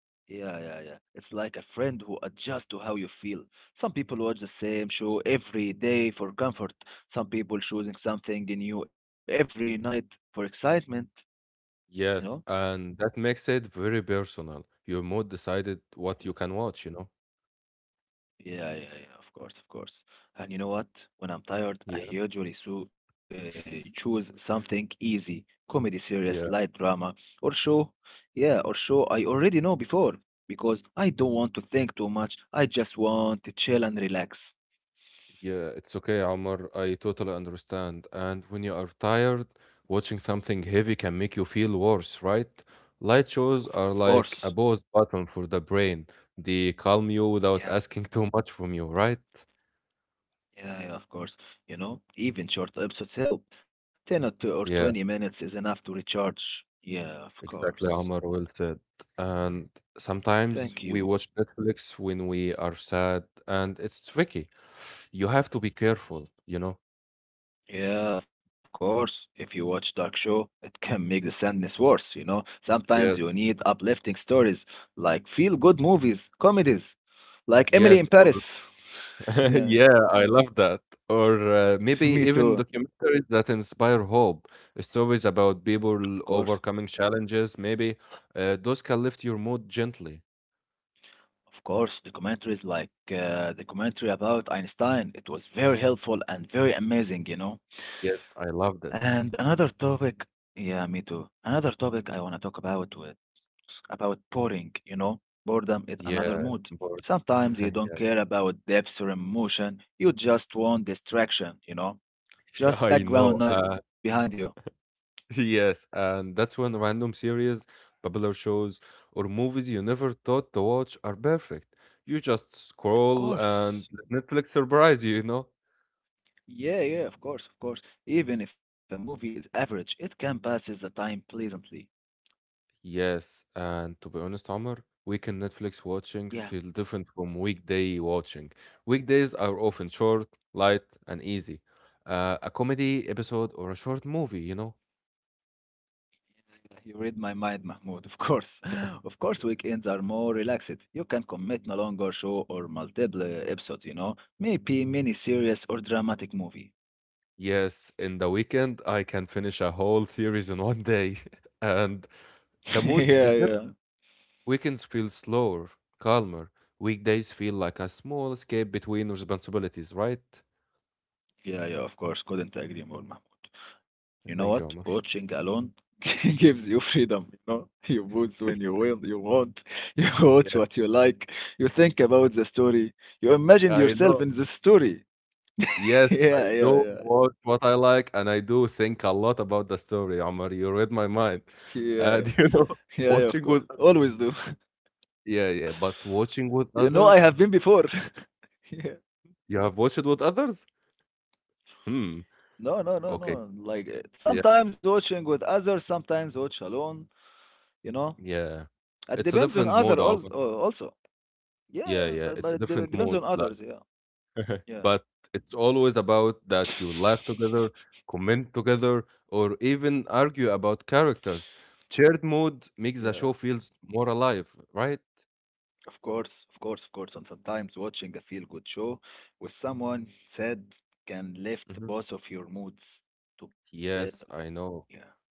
S2: Yeah, yeah, yeah. It's like a friend who adjusts to how you feel. Some people watch the same show every day for comfort. Some people choosing something new every night for excitement. You know?
S1: Yes, and that makes it very personal. Your mood decided
S2: Yeah.
S1: what you can watch, you know?
S2: Yeah, yeah, yeah, of course, of course. And you know what? When I'm tired, I
S1: Yeah.
S2: usually so, uh, choose something easy, comedy series, light
S1: Yeah,
S2: drama, or show. Yeah, or show I already know before because I don't want to think too much. I just want to chill and relax.
S1: yeah, it's okay, Omar. I totally understand. And when you are tired, watching something heavy can make you feel worse, right? Light
S2: Of,
S1: shows
S2: of
S1: are
S2: course.
S1: like a pause button for the brain. They calm you
S2: Yeah.
S1: without asking too much from you, right?
S2: Yeah, yeah, of course. You know, even short episodes help. ten or, two or twenty
S1: Yeah.
S2: minutes is enough to recharge. Yeah, of
S1: Exactly,
S2: course.
S1: Omar, well said. And
S2: Thank
S1: sometimes we
S2: you.
S1: watch Netflix when we are sad, and it's tricky. You have to be careful, you know?
S2: Yeah, of course. If you watch dark show, it *laughs* can make the sadness worse, you know. Sometimes you
S1: Yes,
S2: need uplifting stories like feel good movies, comedies, like Emily in
S1: yes. Or,
S2: Paris. *laughs*
S1: *laughs*
S2: Yeah,
S1: yeah, I love that. Or uh,
S2: *laughs*
S1: maybe
S2: me
S1: even
S2: too.
S1: documentaries that inspire hope, stories about
S2: Of
S1: people
S2: course.
S1: overcoming challenges, maybe uh, those can lift your mood gently.
S2: Of course, documentaries like uh, the commentary about Einstein, it was very helpful and very amazing, you know.
S1: Yes, I loved
S2: And
S1: it.
S2: another topic, yeah, me too. Another topic I want to talk about about boring, you know? Boredom is another
S1: Yeah,
S2: mood.
S1: boredom.
S2: Sometimes you don't
S1: *laughs*
S2: care about depth or emotion, you just want distraction, you know?
S1: Yeah, *laughs*
S2: Just
S1: I
S2: background
S1: know.
S2: noise
S1: Uh,
S2: behind you.
S1: *laughs* yes, and that's when random series, popular shows, or movies you never thought to watch are perfect. You just
S2: Of
S1: scroll
S2: course.
S1: and let Netflix surprise you, you know?
S2: Yeah, yeah, of course, of course. Even if a movie is average, it can pass the time pleasantly.
S1: Yes, and to be honest, Omar, weekend Netflix watchings
S2: Yeah,
S1: feel different from weekday watching. Weekdays are often short, light, and easy. Uh, a comedy episode or a short movie, you know?
S2: *laughs* you read my mind, Mahmoud, of course. *laughs* Of course, weekends are more relaxed. You can commit a longer show or multiple episodes, you know? Maybe mini series or dramatic movie.
S1: Yes, in the weekend, I can finish a whole series in one day. *laughs* And
S2: *laughs*
S1: the
S2: Yeah,
S1: mood is
S2: yeah.
S1: different. Weekends feel slower, calmer. Weekdays feel like a small escape between responsibilities, right?
S2: Yeah, yeah, of course. Couldn't agree more, Mahmoud. You know what?
S1: Thank you, Omar.
S2: Watching alone *laughs* gives you freedom, you know? You boots when you
S1: *laughs*
S2: will, you want, *laughs* you watch
S1: Yes,
S2: what you like, you think about the story, you imagine
S1: I
S2: yourself
S1: know.
S2: in the story. *laughs*
S1: Yes, I
S2: Yeah, yeah,
S1: do
S2: yeah.
S1: watch what I like, and I do think a lot about the story, Omar. You read my mind.
S2: Yeah,
S1: *laughs*
S2: yeah.
S1: And you know,
S2: Yeah,
S1: *laughs*
S2: yeah, of course.
S1: watching with
S2: Always do. *laughs*
S1: yeah, yeah, but watching with
S2: You know, I
S1: others,
S2: have been before. *laughs* Yeah.
S1: you have watched with others? Hmm.
S2: No, no, no,
S1: Okay.
S2: no. Like uh,
S1: Yeah.
S2: sometimes watching with others, sometimes watch alone, you know?
S1: Yeah.
S2: It
S1: It's a
S2: depends on
S1: different
S2: other
S1: mode,
S2: al-
S1: Omar.
S2: uh, also. Yeah,
S1: Yeah,
S2: yeah,
S1: yeah.
S2: but,
S1: It's
S2: but
S1: a
S2: it de-
S1: different
S2: depends
S1: mode.
S2: on others, yeah. Yeah,
S1: But it's always about that you laugh together, comment together, or even argue about characters. Shared mood makes
S2: yeah,
S1: the show feels more alive, right?
S2: of course, of course, of course. And sometimes watching a feel-good show with someone sad can lift
S1: Mhm.
S2: both of your moods together.
S1: Yes, I
S2: Yeah,
S1: know.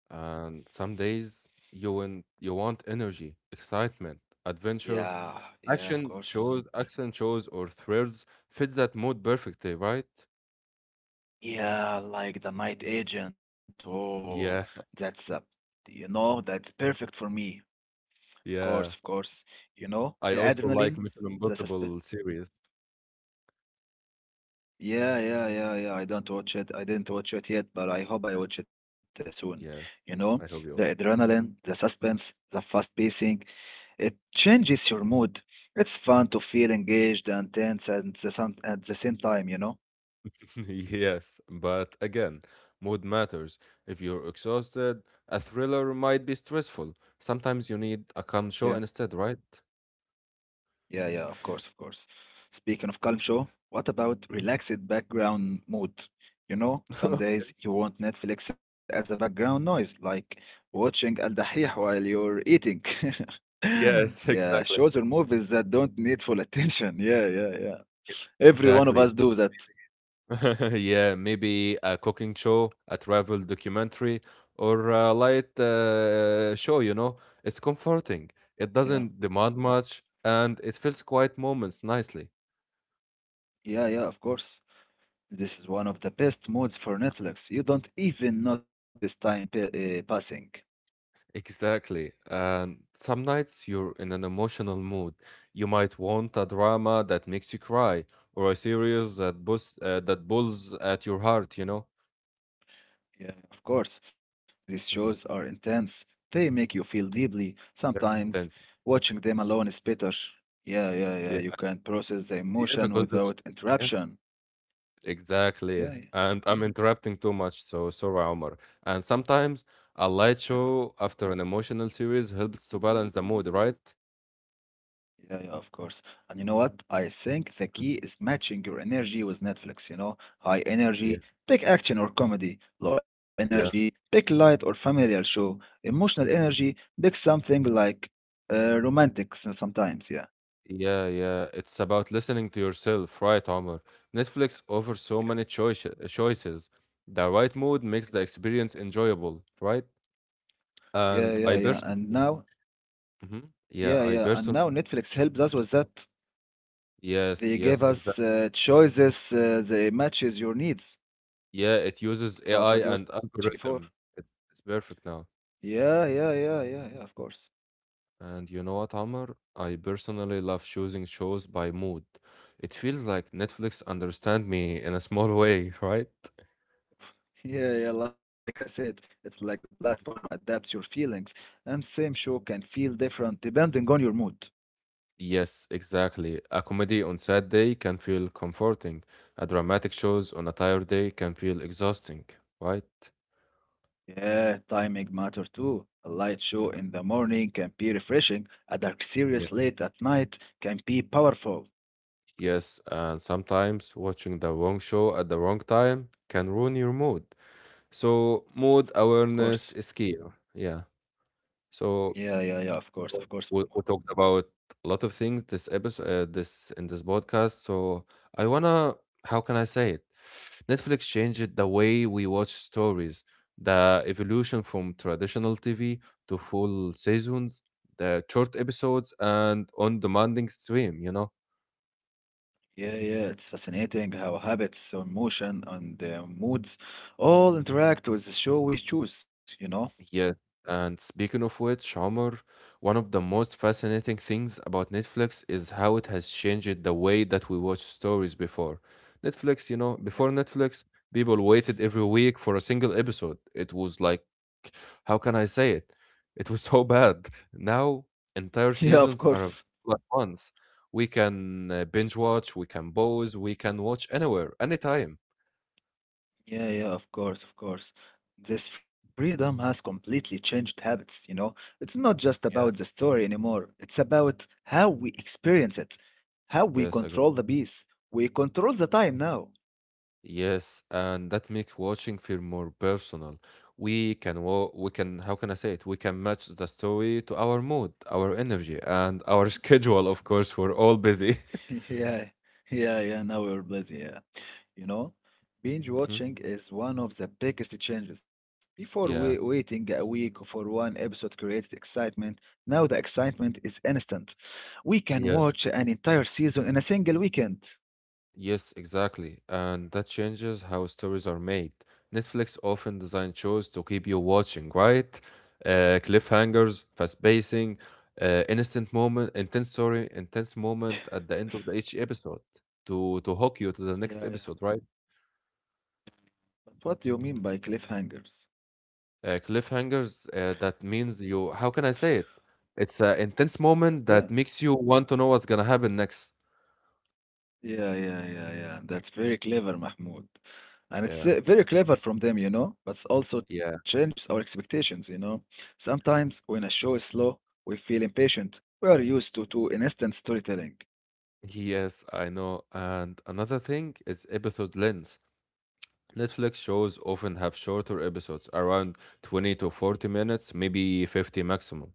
S1: And some days you want you want energy, excitement, adventure,
S2: yeah, yeah, of
S1: action
S2: course.
S1: shows, action shows or thrills fit that mood perfectly, right?
S2: Yeah, like The Night Agent. Oh,
S1: Yeah,
S2: that's
S1: *laughs*
S2: a, you know, that's perfect for me. Of course, of
S1: yeah.
S2: course. You know, the
S1: I also
S2: adrenaline,
S1: like Mission
S2: the susp
S1: Impossible series.
S2: yeah, yeah, yeah, yeah. I don't watch it. I didn't watch it yet, but I hope I watch it uh, soon. You
S1: Yes,
S2: know,
S1: I
S2: the
S1: hope you.
S2: adrenaline, the suspense, the fast pacing, it changes your mood. It's fun to feel engaged and tense at the, some, at the same time, you know?
S1: *laughs* Yes, but again, mood matters. If you're exhausted, a thriller might be stressful. Sometimes you need a calm
S2: Yeah.
S1: show instead, right?
S2: Yeah, yeah, of course, of course. Speaking of culture, what about relaxed background mode? You know, some
S1: *laughs*
S2: days you want Netflix as a background noise, like watching Al Dahih while you're eating. *laughs*
S1: Yes,
S2: Yeah,
S1: exactly.
S2: shows or movies that don't need full attention. *laughs* Yeah, yeah, yeah.
S1: Yes,
S2: Every one of
S1: exactly.
S2: us do that.
S1: *laughs* Yeah, maybe a cooking show, a travel documentary, or a light uh, show, you know. It's comforting. It
S2: Yeah,
S1: doesn't demand much, and it fills quiet moments nicely.
S2: yeah, yeah, of course. This is one of the best modes for Netflix. You don't even notice time pa uh, passing.
S1: Exactly. And some nights you're in an emotional mood. You might want a drama that makes you cry or a series that bus uh, that pulls at your heart, you know?
S2: Yeah, of course. These
S1: Hmm.
S2: shows are intense. They make you feel deeply.
S1: Very intense.
S2: Sometimes watching them alone is better. Yeah, yeah,
S1: Yeah.
S2: yeah. You can process the
S1: Yeah,
S2: emotion
S1: because there's,
S2: without
S1: yeah,
S2: interruption.
S1: exactly.
S2: Yeah, yeah.
S1: And I'm interrupting too much, so sorry, Omar. And sometimes a light
S2: Definitely.
S1: show after an emotional series helps to balance the mood, right?
S2: Yeah, yeah, of course. And you know what? I think the
S1: Mhm.
S2: key is matching your energy with Netflix, you know? High
S1: Yeah.
S2: energy, pick action or comedy. Low energy,
S1: Yeah.
S2: pick light or familiar show. Emotional energy, pick something like uh, romantic s- sometimes, yeah.
S1: Yeah, yeah. It's about listening to yourself, right, Omar? Netflix offers so many choice choices. The right mood makes the experience enjoyable, right?
S2: Yeah, yeah, yeah.
S1: And
S2: Yeah.
S1: I
S2: And
S1: personally,
S2: now.
S1: Mhm.
S2: Yeah,
S1: yeah, I
S2: yeah. And
S1: personally,
S2: now Netflix
S1: cho-
S2: helps us with that.
S1: yes,
S2: They gave
S1: yes,
S2: us
S1: exactly.
S2: uh, choices uh, that matches your needs
S1: Yeah, it uses
S2: about
S1: A I
S2: what you watched
S1: and
S2: before.
S1: algorithm. It's, it's perfect now.
S2: Yeah, yeah, yeah, yeah, yeah, of course. *laughs*
S1: And you know what, Omar? I personally love choosing shows by mood. It feels like Netflix understand me in a small way, *laughs* right?
S2: Yeah, yeah, like I said, it's like the platform adapts your feelings, and same show can feel different depending on your mood.
S1: Yes, exactly. A comedy on sad day can feel comforting. A dramatic shows on a tired day can feel exhausting, right?
S2: Yeah, timing matter too. A light show in the
S1: Mhm.
S2: morning can be refreshing. A dark series
S1: Yeah.
S2: late at night can be powerful.
S1: Yes, and sometimes watching the wrong show at the wrong time can ruin your mood. So mood
S2: Of course.
S1: awareness is key. Yeah.
S2: Yeah,
S1: So
S2: yeah, yeah, of course, of
S1: Well,
S2: course, Mahmoud.
S1: we, we talked about a lot of things this episode, uh, this in this podcast, so I wanna, how can I say it? Netflix changed the way we watch stories, the evolution from traditional TV to full seasons, the short episodes and on demanding stream, you know.
S2: Yeah, yeah, it's fascinating how habits, or emotion, and uh, moods all interact with the show we choose, you know?
S1: Yes, and speaking of which, Omar, one of the most fascinating things about Netflix is how it has changed the way that we watch stories before. Netflix, you know, before
S2: Yeah.
S1: Netflix, people waited every week for a single episode. It was like, how can I say it? It was *laughs* so bad. Now, entire
S2: *laughs* Yeah, of
S1: seasons are
S2: course.
S1: available at once. We can uh, binge watch, we can pause, we can watch anywhere, anytime.
S2: Yeah, yeah, of course, of course. This freedom has completely changed habits, you know? It's not just
S1: Yeah.
S2: about the story anymore, it's about how we experience it, how we
S1: Yes, I
S2: control the piece. We control the time now.
S1: Yes, and that makes watching feel more personal. We can wa- we can, how can I say it? We can match the story to our mood, our energy, and our *laughs* schedule, of course, we're all busy.
S2: *laughs* Yeah, yeah, yeah. Now we're busy. Yeah, you know, binge
S1: *laughs* Hmm.
S2: watching is one of the biggest changes. Before we
S1: Yeah.
S2: waiting a week for one episode created excitement. Now the excitement is instant. We can
S1: Yes.
S2: watch an entire season in a single weekend.
S1: Yes, exactly. And that changes how stories are made. Netflix often design shows to keep you watching, right? Uh, cliffhangers, fast pacing, uh, instant moment, intense story, intense moment at the end of the each episode to to hook you to the
S2: Yeah,
S1: next
S2: yeah.
S1: episode, right?
S2: But what do you mean by cliffhangers?
S1: Uh, cliffhangers, uh, that means you, how can I say it? It's an intense
S2: Yeah.
S1: moment that makes you want to know what's gonna happen next.
S2: Yeah, yeah, yeah, yeah. That's very clever, Mahmoud. And it's
S1: Yeah,
S2: uh, very clever from them, you know, but it also
S1: yeah.
S2: changes our expectations, you know. Sometimes when a show is slow, we feel impatient. We are used to, to instant storytelling.
S1: Yes, I know, and another thing is episode length. Netflix shows often have shorter episodes around twenty to forty minutes, maybe fifty maximum.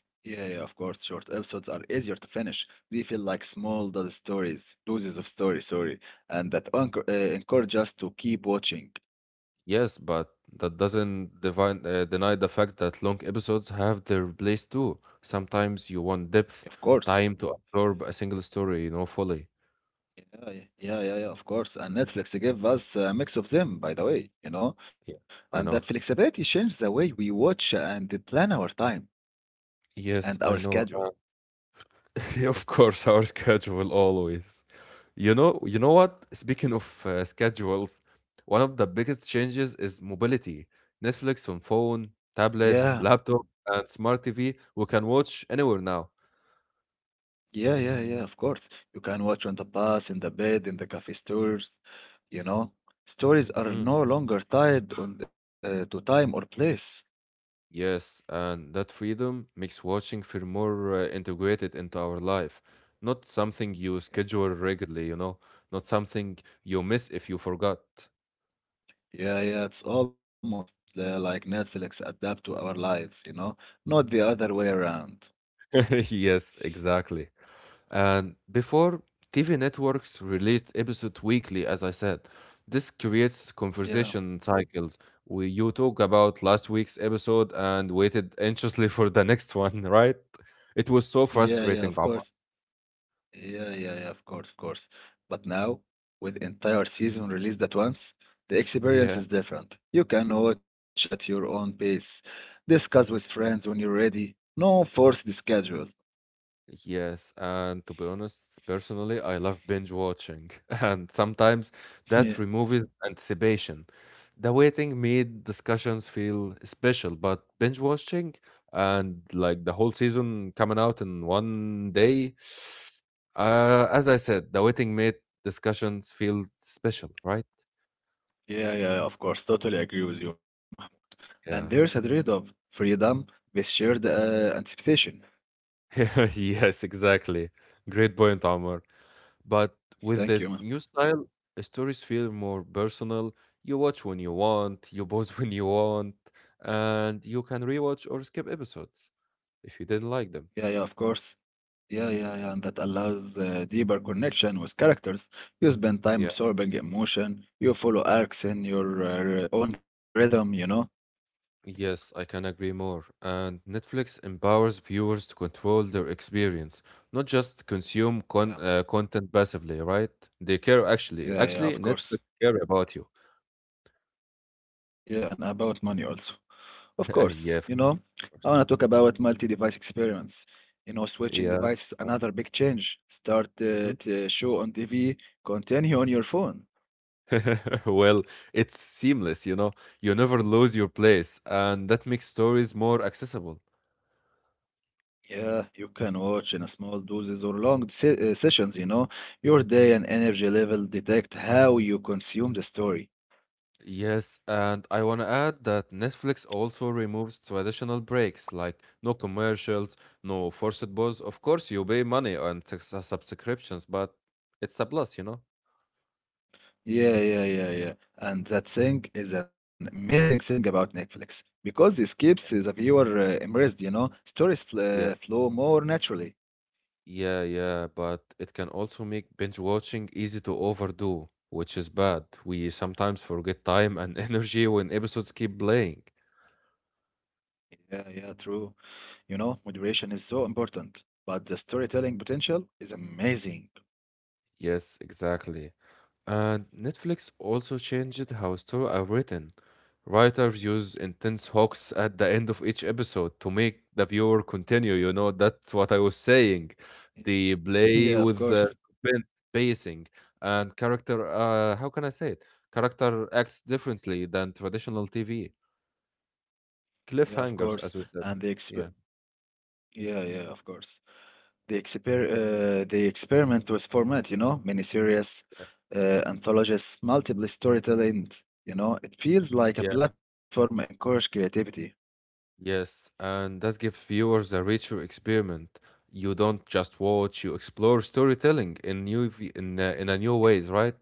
S2: Yeah, yeah, of course. Short episodes are easier to finish. They feel like small dose stories, doses of story, sorry, and that encour- uh, encourage us to keep watching.
S1: Yes, but that doesn't divine, uh, deny the fact that long episodes have their place too. Sometimes you want
S2: Of
S1: depth,
S2: course.
S1: time to absorb a single story you know fully.
S2: Yeah, yeah, yeah, yeah, yeah, of course. And Netflix gave us a mix of them, by the way, you know,
S1: Yeah,
S2: and that
S1: I know.
S2: flexibility changed the way we watch and plan our time and
S1: Yes,
S2: our
S1: I know.
S2: schedule.
S1: Uh, *laughs* of course, our schedule always. You know, you know what? Speaking of uh, schedules, one of the biggest changes is mobility. Netflix on phone,
S2: Yeah,
S1: tablets, laptop, and smart T V. We can watch anywhere now.
S2: yeah, yeah, yeah, of course. You can watch on the bus, in the bed, in the cafe stores, you know. Stories are
S1: Mhm.
S2: no longer tied on, uh, to time or place.
S1: Yes, and that freedom makes watching feel more uh, integrated into our life. Not something you
S2: Yeah,
S1: schedule regularly, you know, not something you miss if you forgot.
S2: yeah, yeah, it's almost uh, like Netflix adapt to our lives, you know, not the other way around.
S1: *laughs* Yes, exactly. And before, T V networks released episode weekly, as I said. This creates
S2: Yeah,
S1: conversation cycles. We, you talk about last week's episode and waited anxiously *laughs* for the next one, right? It was so
S2: yeah, yeah, of
S1: frustrating,
S2: course.
S1: Omar.
S2: Yeah, yeah, yeah, of course, of course. But now, with entire season released at once, the experience
S1: Yeah.
S2: is different. You can watch at your own pace, discuss with friends when you're ready. No forced schedule.
S1: Yes, and to be honest, personally, I love binge watching, *laughs* and sometimes that
S2: *laughs*
S1: removes anticipation. The waiting made discussions feel special, but binge watching and like the whole season coming out in one day, *sighs* uh, as I said, the waiting made discussions feel special, right?
S2: Yeah, yeah, yeah, of course. Totally agree with you, Mahmoud. And there's a
S1: Yeah.
S2: trade of freedom with shared uh, anticipation.
S1: *laughs* Yes, exactly. Great point, Omar. But with
S2: Thank you,
S1: this
S2: Mahmoud.
S1: new style, stories feel more personal. You watch when you want, you pause *laughs* when you want, and you can rewatch or skip episodes if you didn't like them.
S2: Yeah, yeah, of course. Yeah, yeah, yeah, and that allows uh, deeper connection with characters. You spend time
S1: Yeah.
S2: absorbing emotion, you follow arcs in your uh, own rhythm, you know?
S1: Yes, I can agree more. And Netflix empowers viewers to control their experience, not just consume
S2: Yeah,
S1: con uh, content passively, right? They care actually.
S2: yeah, yeah,
S1: Actually,
S2: of course.
S1: Netflix care about you.
S2: Yeah, and about money also. Of course,
S1: *laughs*
S2: you
S1: Yeah,
S2: know,
S1: of
S2: I want to
S1: course.
S2: talk about multi-device experience. You know, switching
S1: Yeah.
S2: devices another big change. Start uh,
S1: Mm-hmm.
S2: to show on T V, continue on your phone.
S1: *laughs* Well, it's seamless, you know. You never lose your place, and that makes stories more accessible.
S2: Yeah, you can watch in a small doses or long se- uh, sessions, you know. Your day and energy level detect how you consume the story.
S1: Yes, and I want to add that Netflix also removes traditional breaks like no commercials, no forced pause. Of course, you pay money on subs- subscriptions, but it's a plus, you know.
S2: Yeah, yeah, yeah, yeah. And that
S1: Mhm.
S2: thing is an amazing thing about Netflix because it keeps the viewer uh, immersed, you know. Stories fl uh,
S1: Yeah,
S2: flow more naturally.
S1: yeah, yeah, but it can also make binge watching easy to overdo, which is bad. We sometimes forget time and *laughs* energy when episodes keep playing.
S2: Yeah, yeah, true. You know, moderation is so important, but the storytelling potential is amazing.
S1: Yes, exactly. And Netflix also changed how stories are written. Writers use intense hooks at the end of each episode to make the viewer continue. You know, that's what I was saying.
S2: *laughs*
S1: They
S2: Yeah,
S1: play
S2: of
S1: with
S2: course.
S1: the suspense, pacing and character. Uh, how can I say it? Character acts differently than traditional T V.
S2: Yeah, of course.
S1: Cliffhangers, as we
S2: And the
S1: said.
S2: exp
S1: Yeah.
S2: yeah, yeah, of course. The exper uh, the experiment with format, you know, miniseries, uh, anthologies, multiple storytelling. You know, it feels like a
S1: Yeah.
S2: platform encourage creativity.
S1: Yes, and that gives viewers a richer experiment. You don't just watch, you explore storytelling in new v- in uh, in a new ways, right?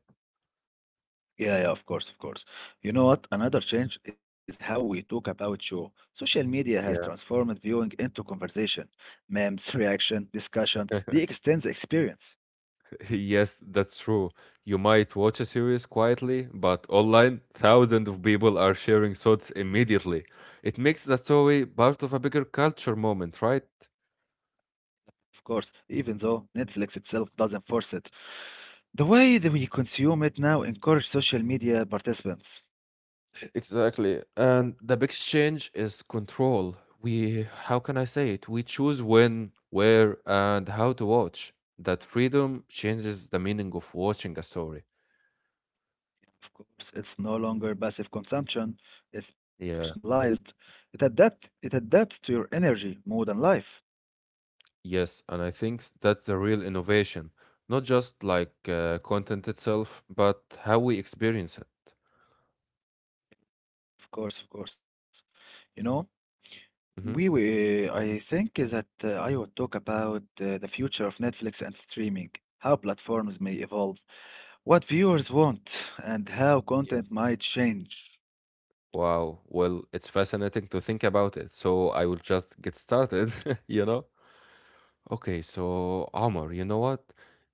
S2: Yeah, yeah, of course, of course. You know what? Another change is how we talk about show. Social media has
S1: Yeah.
S2: transformed viewing into conversation, memes, *laughs* reaction, discussion. They extend the experience.
S1: *laughs* Yes, that's true. You might watch a series quietly, but online, thousands of people are sharing thoughts immediately. It makes the story part of a bigger culture moment, right?
S2: Of course, even though Netflix itself doesn't force it, the way that we consume it now encourages social media participants.
S1: Exactly. And the big change is control. We, how can I say it? We choose when, where, and how to watch. That freedom changes the meaning of watching a story.
S2: Of course, it's no longer passive consumption, it's
S1: Yeah,
S2: personalized. It adapt it adapts to your energy, mood, and life.
S1: yes. And I think that's the real innovation. Not just like uh, content itself, but how we experience it.
S2: Of course, of course. You know, We
S1: Mm-hmm.
S2: were, I think that uh, I would talk about uh, the future of Netflix and streaming, how platforms may evolve, what viewers want, and how
S1: Yeah.
S2: content might change.
S1: Wow. Well, it's fascinating to think about it. So I will just get started, *laughs* you know? Okay, so Omar, you know what?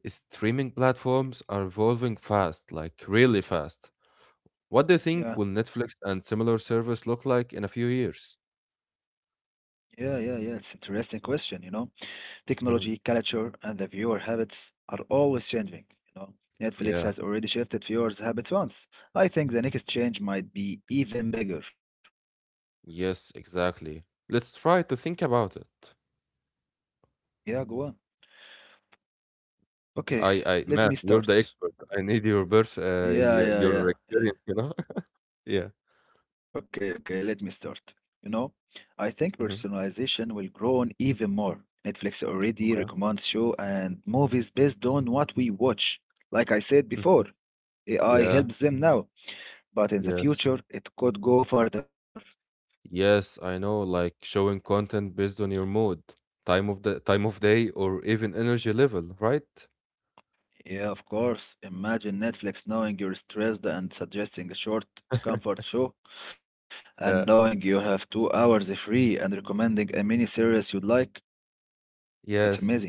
S1: Streaming platforms are evolving fast, like really fast. What do you think
S2: Yeah,
S1: will Netflix and similar service look like in a few years?
S2: yeah, yeah, yeah. It's interesting question, you know.
S1: Hmm,
S2: Technology, culture, and the viewer habits are always changing, you know. Netflix
S1: yeah,
S2: has already shifted viewers' habits once. I think the next change might be even bigger.
S1: yes, exactly. Let's try to think about it.
S2: Yeah, go on. Okay,
S1: I, I,
S2: let
S1: man,
S2: me
S1: *laughs* you're the
S2: start.
S1: expert. I need your birth, uh,
S2: Yeah,
S1: your,
S2: yeah, yeah.
S1: your
S2: Eh,
S1: experience, you know? *laughs* Yeah.
S2: Okay, okay, let me start. You know, I think
S1: Hmm.
S2: personalization will grow on even more. Netflix already
S1: Okay.
S2: recommends show and movies based on what we watch. Like I said
S1: Hmm.
S2: before, A I
S1: Yeah,
S2: helps them now, but in the
S1: yes.
S2: future it could go further.
S1: Yes, I know, like showing content based on your mood, time of the time of day, or even energy level, right?
S2: Yeah, of course. Imagine Netflix knowing you're stressed and suggesting a short comfort show, and knowing
S1: Yeah.
S2: you have two hours free and recommending a mini series you'd like. That's
S1: Yes,
S2: amazing.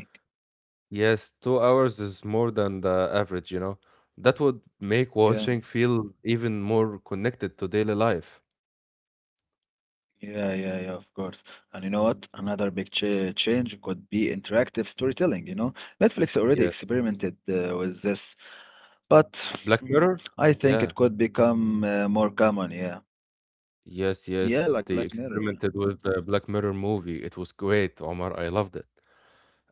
S1: yes, two hours is more than the average, you know. That would make
S2: Yeah,
S1: watching feel even more connected to daily life.
S2: yeah, yeah, yeah, of course. And you know what? Another big cha change could be interactive storytelling, you know? Netflix already
S1: Yeah.
S2: experimented uh, with this, but
S1: Black
S2: mm,
S1: Mirror?
S2: I think
S1: Yeah.
S2: it could become uh, more common, yeah.
S1: Yes,
S2: Yeah, like
S1: yes.
S2: Black
S1: They
S2: Mirror, yeah.
S1: experimented with the Black Mirror movie. It was great, Omar. I loved it.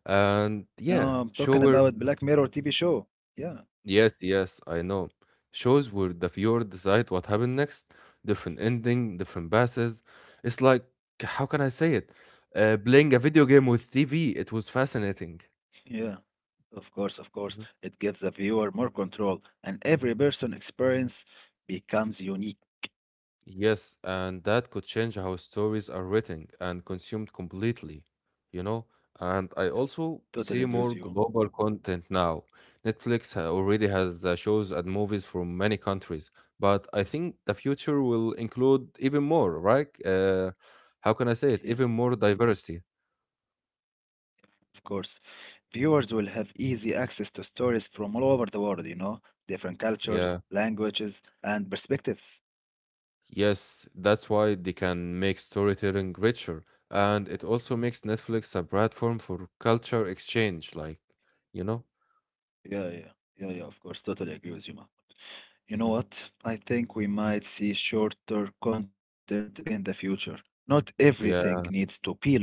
S1: And
S2: No,
S1: yeah,
S2: I'm talking about
S1: sure.
S2: Black Mirror T V show. Yeah.
S1: Yes, yes, I know. Shows where the viewer decides what happened next, different ending, different passes. It's like, how can I say it? Uh, playing a video game with T V, it was fascinating.
S2: Yeah, of course, of course.
S1: Mm-hmm.
S2: It gives the viewer more control, and every person experience becomes unique.
S1: Yes, and that could change how stories are written and consumed completely, you know? And
S2: Yeah,
S1: I also
S2: totally agree
S1: see
S2: with
S1: more
S2: you.
S1: global content now. Netflix ha- already has uh, shows and movies from many countries, but I think the future will include even more, right? Uh, how can I
S2: Yeah,
S1: say it? Even more diversity.
S2: of course. Viewers will have easy access to stories from all over the world, you know, different cultures,
S1: Yeah.
S2: languages, and perspectives.
S1: Yes, that's why they can make storytelling richer. And it also makes Netflix a platform for culture exchange, like, you know?
S2: Yeah, yeah, yeah, yeah, of course. Totally agree with you, ma. You know
S1: Mhm.
S2: what? I think we might see shorter content in the future. Not everything
S1: Yeah.
S2: needs to be long.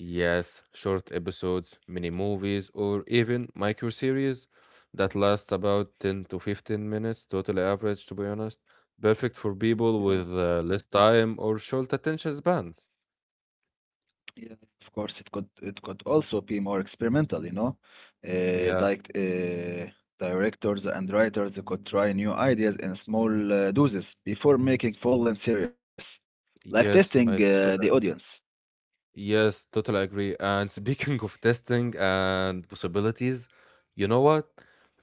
S1: Yes, short episodes, mini movies, or even micro series that last about ten to fifteen minutes, total average, to be honest. Perfect for people
S2: Yeah.
S1: with uh, less time or short attention spans.
S2: Yeah, of course, it could it could also be more experimental, you know. Uh,
S1: Yeah,
S2: like uh, directors and writers could try new ideas in small uh, doses before making full-length series, like testing
S1: yes, I.
S2: uh, the audience.
S1: yes, totally agree. And *laughs* speaking of testing and possibilities, you know what?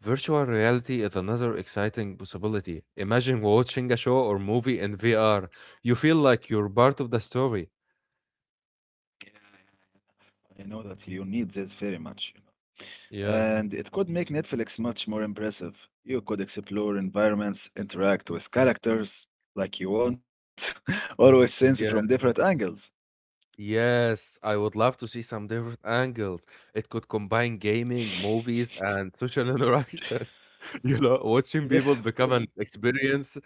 S1: Virtual reality is another exciting possibility. Imagine watching a show or movie in V R. You feel like you're part of the story.
S2: Yeah, I know that you need this very much, you know.
S1: Yeah.
S2: And it could make Netflix much more impressive. You could explore environments, interact with characters like you want, *laughs* or with scenes from different angles.
S1: Yes, I would love to see some different angles. It could combine gaming, movies, and social interaction. *laughs* You know, watching people
S2: Yeah,
S1: become an
S2: of course.
S1: experience,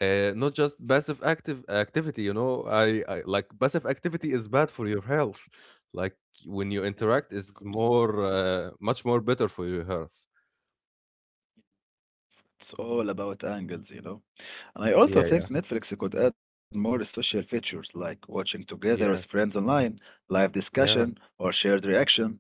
S1: uh, not just passive active activity. You know, I, I like passive activity is bad for your health. Like when you
S2: Yeah,
S1: interact,
S2: yeah,
S1: is
S2: of course.
S1: more uh, much more better for your health.
S2: It's all about angles, you know. And
S1: Yeah,
S2: I
S1: yeah,
S2: also think Netflix could add more social features like watching together with
S1: yeah,
S2: friends online, live
S1: yeah.
S2: discussion, or shared reaction.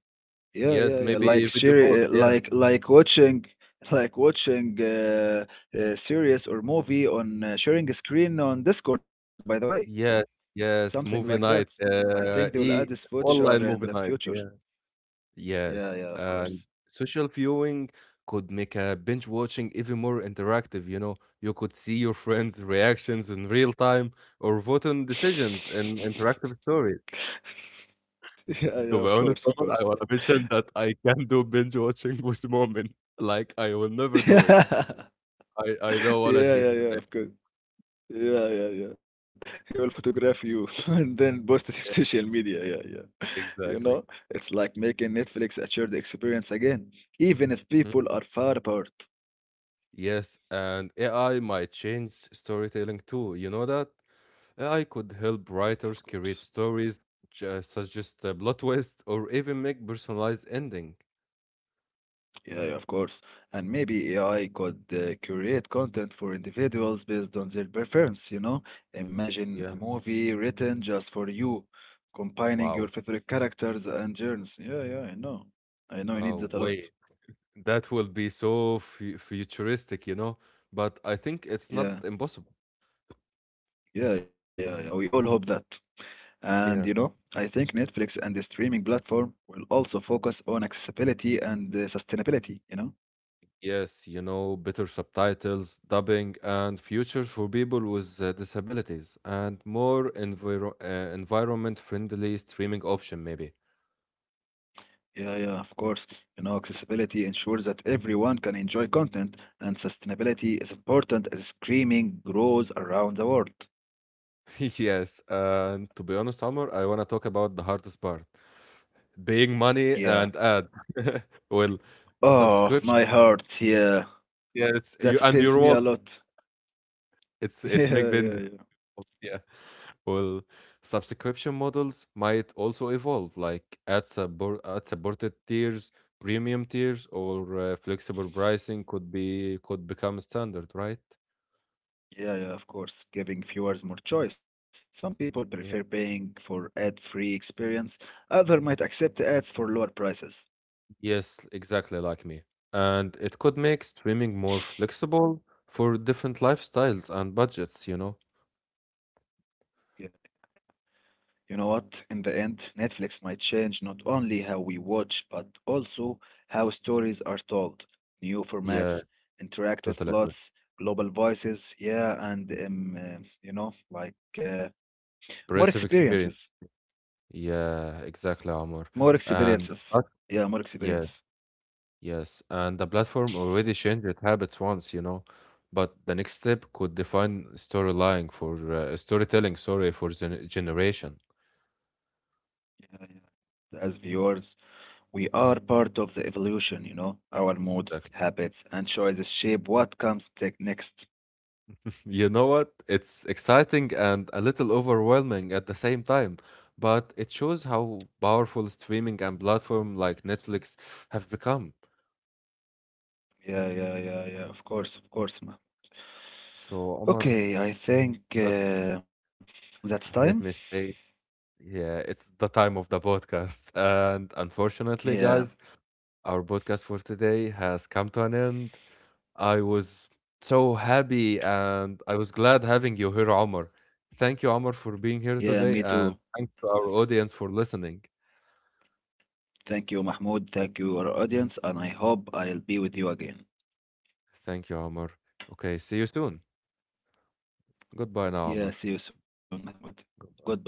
S2: Yeah,
S1: Yes,
S2: yeah, yeah.
S1: maybe
S2: Like
S1: video
S2: share,
S1: call.
S2: uh,
S1: Yeah,
S2: like like watching, *laughs* like watching uh, a series or movie on uh, sharing a screen on Discord. By the way,
S1: yeah,
S2: something
S1: yes.
S2: like that.
S1: Movie night,
S2: I think they will
S1: uh,
S2: add this
S1: e
S2: feature in
S1: online
S2: the
S1: movie night.
S2: future.
S1: Yeah.
S2: Yeah, yeah,
S1: Yes,
S2: of
S1: and
S2: course.
S1: social viewing could make a binge watching even more interactive, you know. You could see your friends' reactions in real time or vote on
S2: *laughs*
S1: decisions in interactive stories.
S2: Yeah, yeah, of
S1: To be
S2: course,
S1: honest,
S2: of
S1: Omar,
S2: course.
S1: I want to mention that I can do binge watching *laughs* with Moment. Like, I will never
S2: *laughs*
S1: do it.
S2: Yeah,
S1: I, I don't want to
S2: yeah,
S1: see *laughs* his
S2: yeah,
S1: reaction.
S2: of course. Yeah, yeah, yeah. He will photograph you *laughs* and then post it in *laughs* social media. Yeah, yeah. You
S1: Exactly. Mm-hmm.
S2: know, it's like making Netflix a shared experience again, even if people are far apart.
S1: Yes, and A I might change storytelling too. You know that? A I could help
S2: Yeah, of
S1: writers
S2: course.
S1: create stories, ju- suggest a plot twist, or even make personalized ending.
S2: Yeah, yeah, of course. And maybe A I could uh, create content for individuals based on their preference, you know? Imagine
S1: Yeah.
S2: a movie written just for you, combining your
S1: Wow.
S2: favorite characters and journeys. Yeah, yeah, I know. I know you need
S1: Oh,
S2: that a lot.
S1: wait. That will be so fu futuristic, you know? But I think it's not
S2: Yeah.
S1: impossible.
S2: Yeah, yeah, yeah. We all hope that. And you know,
S1: Yeah.
S2: I think Netflix and the streaming platform will also focus on accessibility and uh, sustainability, you know?
S1: Yes, you know, better subtitles, dubbing, and futures for people with uh, disabilities, and more enviro uh, environment-friendly streaming option, maybe.
S2: Yeah, yeah, of course. You know, accessibility ensures that everyone can enjoy content, and sustainability is important as streaming grows around the world.
S1: *laughs* Yes, and to be honest, Omar, I want to talk about the hardest part. Paying money
S2: Yeah.
S1: and ad. *laughs* Well,
S2: Oh,
S1: subscription.
S2: my heart. Yeah.
S1: Yes, you
S2: That
S1: and
S2: pains
S1: your
S2: me a
S1: wallet.
S2: lot. *laughs*
S1: It's it
S2: Yeah,
S1: make
S2: yeah,
S1: business.
S2: yeah.
S1: Yeah. Well, subscription models might also evolve, like ad support, ad supported tiers, premium tiers, or uh, flexible pricing could be could become standard, right?
S2: Yeah, yeah, of course. Giving viewers more choice. Some people prefer paying for ad-free experience. Other might accept ads for lower prices.
S1: Yes, exactly like me. And it could make streaming more flexible for different lifestyles and budgets, you know?
S2: Yeah. You know what? In the end, Netflix might change not only how we watch, but also how stories are told. New
S1: Yeah,
S2: formats, interactive
S1: totally agree.
S2: plots, global voices. Yeah, and um, uh, you know, like uh, more
S1: Impressive
S2: experiences.
S1: experience. Yeah, exactly,
S2: More
S1: Omar. And
S2: experiences.
S1: the plat-
S2: Yeah, more experience.
S1: yeah, yes. And the platform already changed its habits once, you know. But the next step could define storyline for uh, storytelling, sorry, for gen generation.
S2: Yeah, yeah. As viewers. We are part of the evolution, you know? Our moods,
S1: Exactly.
S2: habits, and choices shape what comes te- next.
S1: You know what? It's exciting and a little overwhelming at the same time, but it shows how powerful streaming and platform like Netflix have become.
S2: Yeah, yeah, yeah, yeah, of course, of course, ma.
S1: So, Omar,
S2: Okay, I think
S1: well,
S2: uh, that's time.
S1: let me say, yeah, it's the time of the podcast. *laughs* And unfortunately,
S2: Yeah,
S1: guys, our podcast for today has come to an end. I was so happy and I was glad having you here, Omar. Thank you, Omar, for being
S2: yeah,
S1: here
S2: me too.
S1: today, and thanks to our audience for listening.
S2: Thank you, Mahmoud. Thank you, our audience, and I hope I'll be with you again.
S1: Thank you, Amr. Okay, see you soon. Goodbye now,
S2: Yeah,
S1: Amr.
S2: see you soon, Mahmoud. Goodbye,
S1: Bye.
S2: Mahmoud.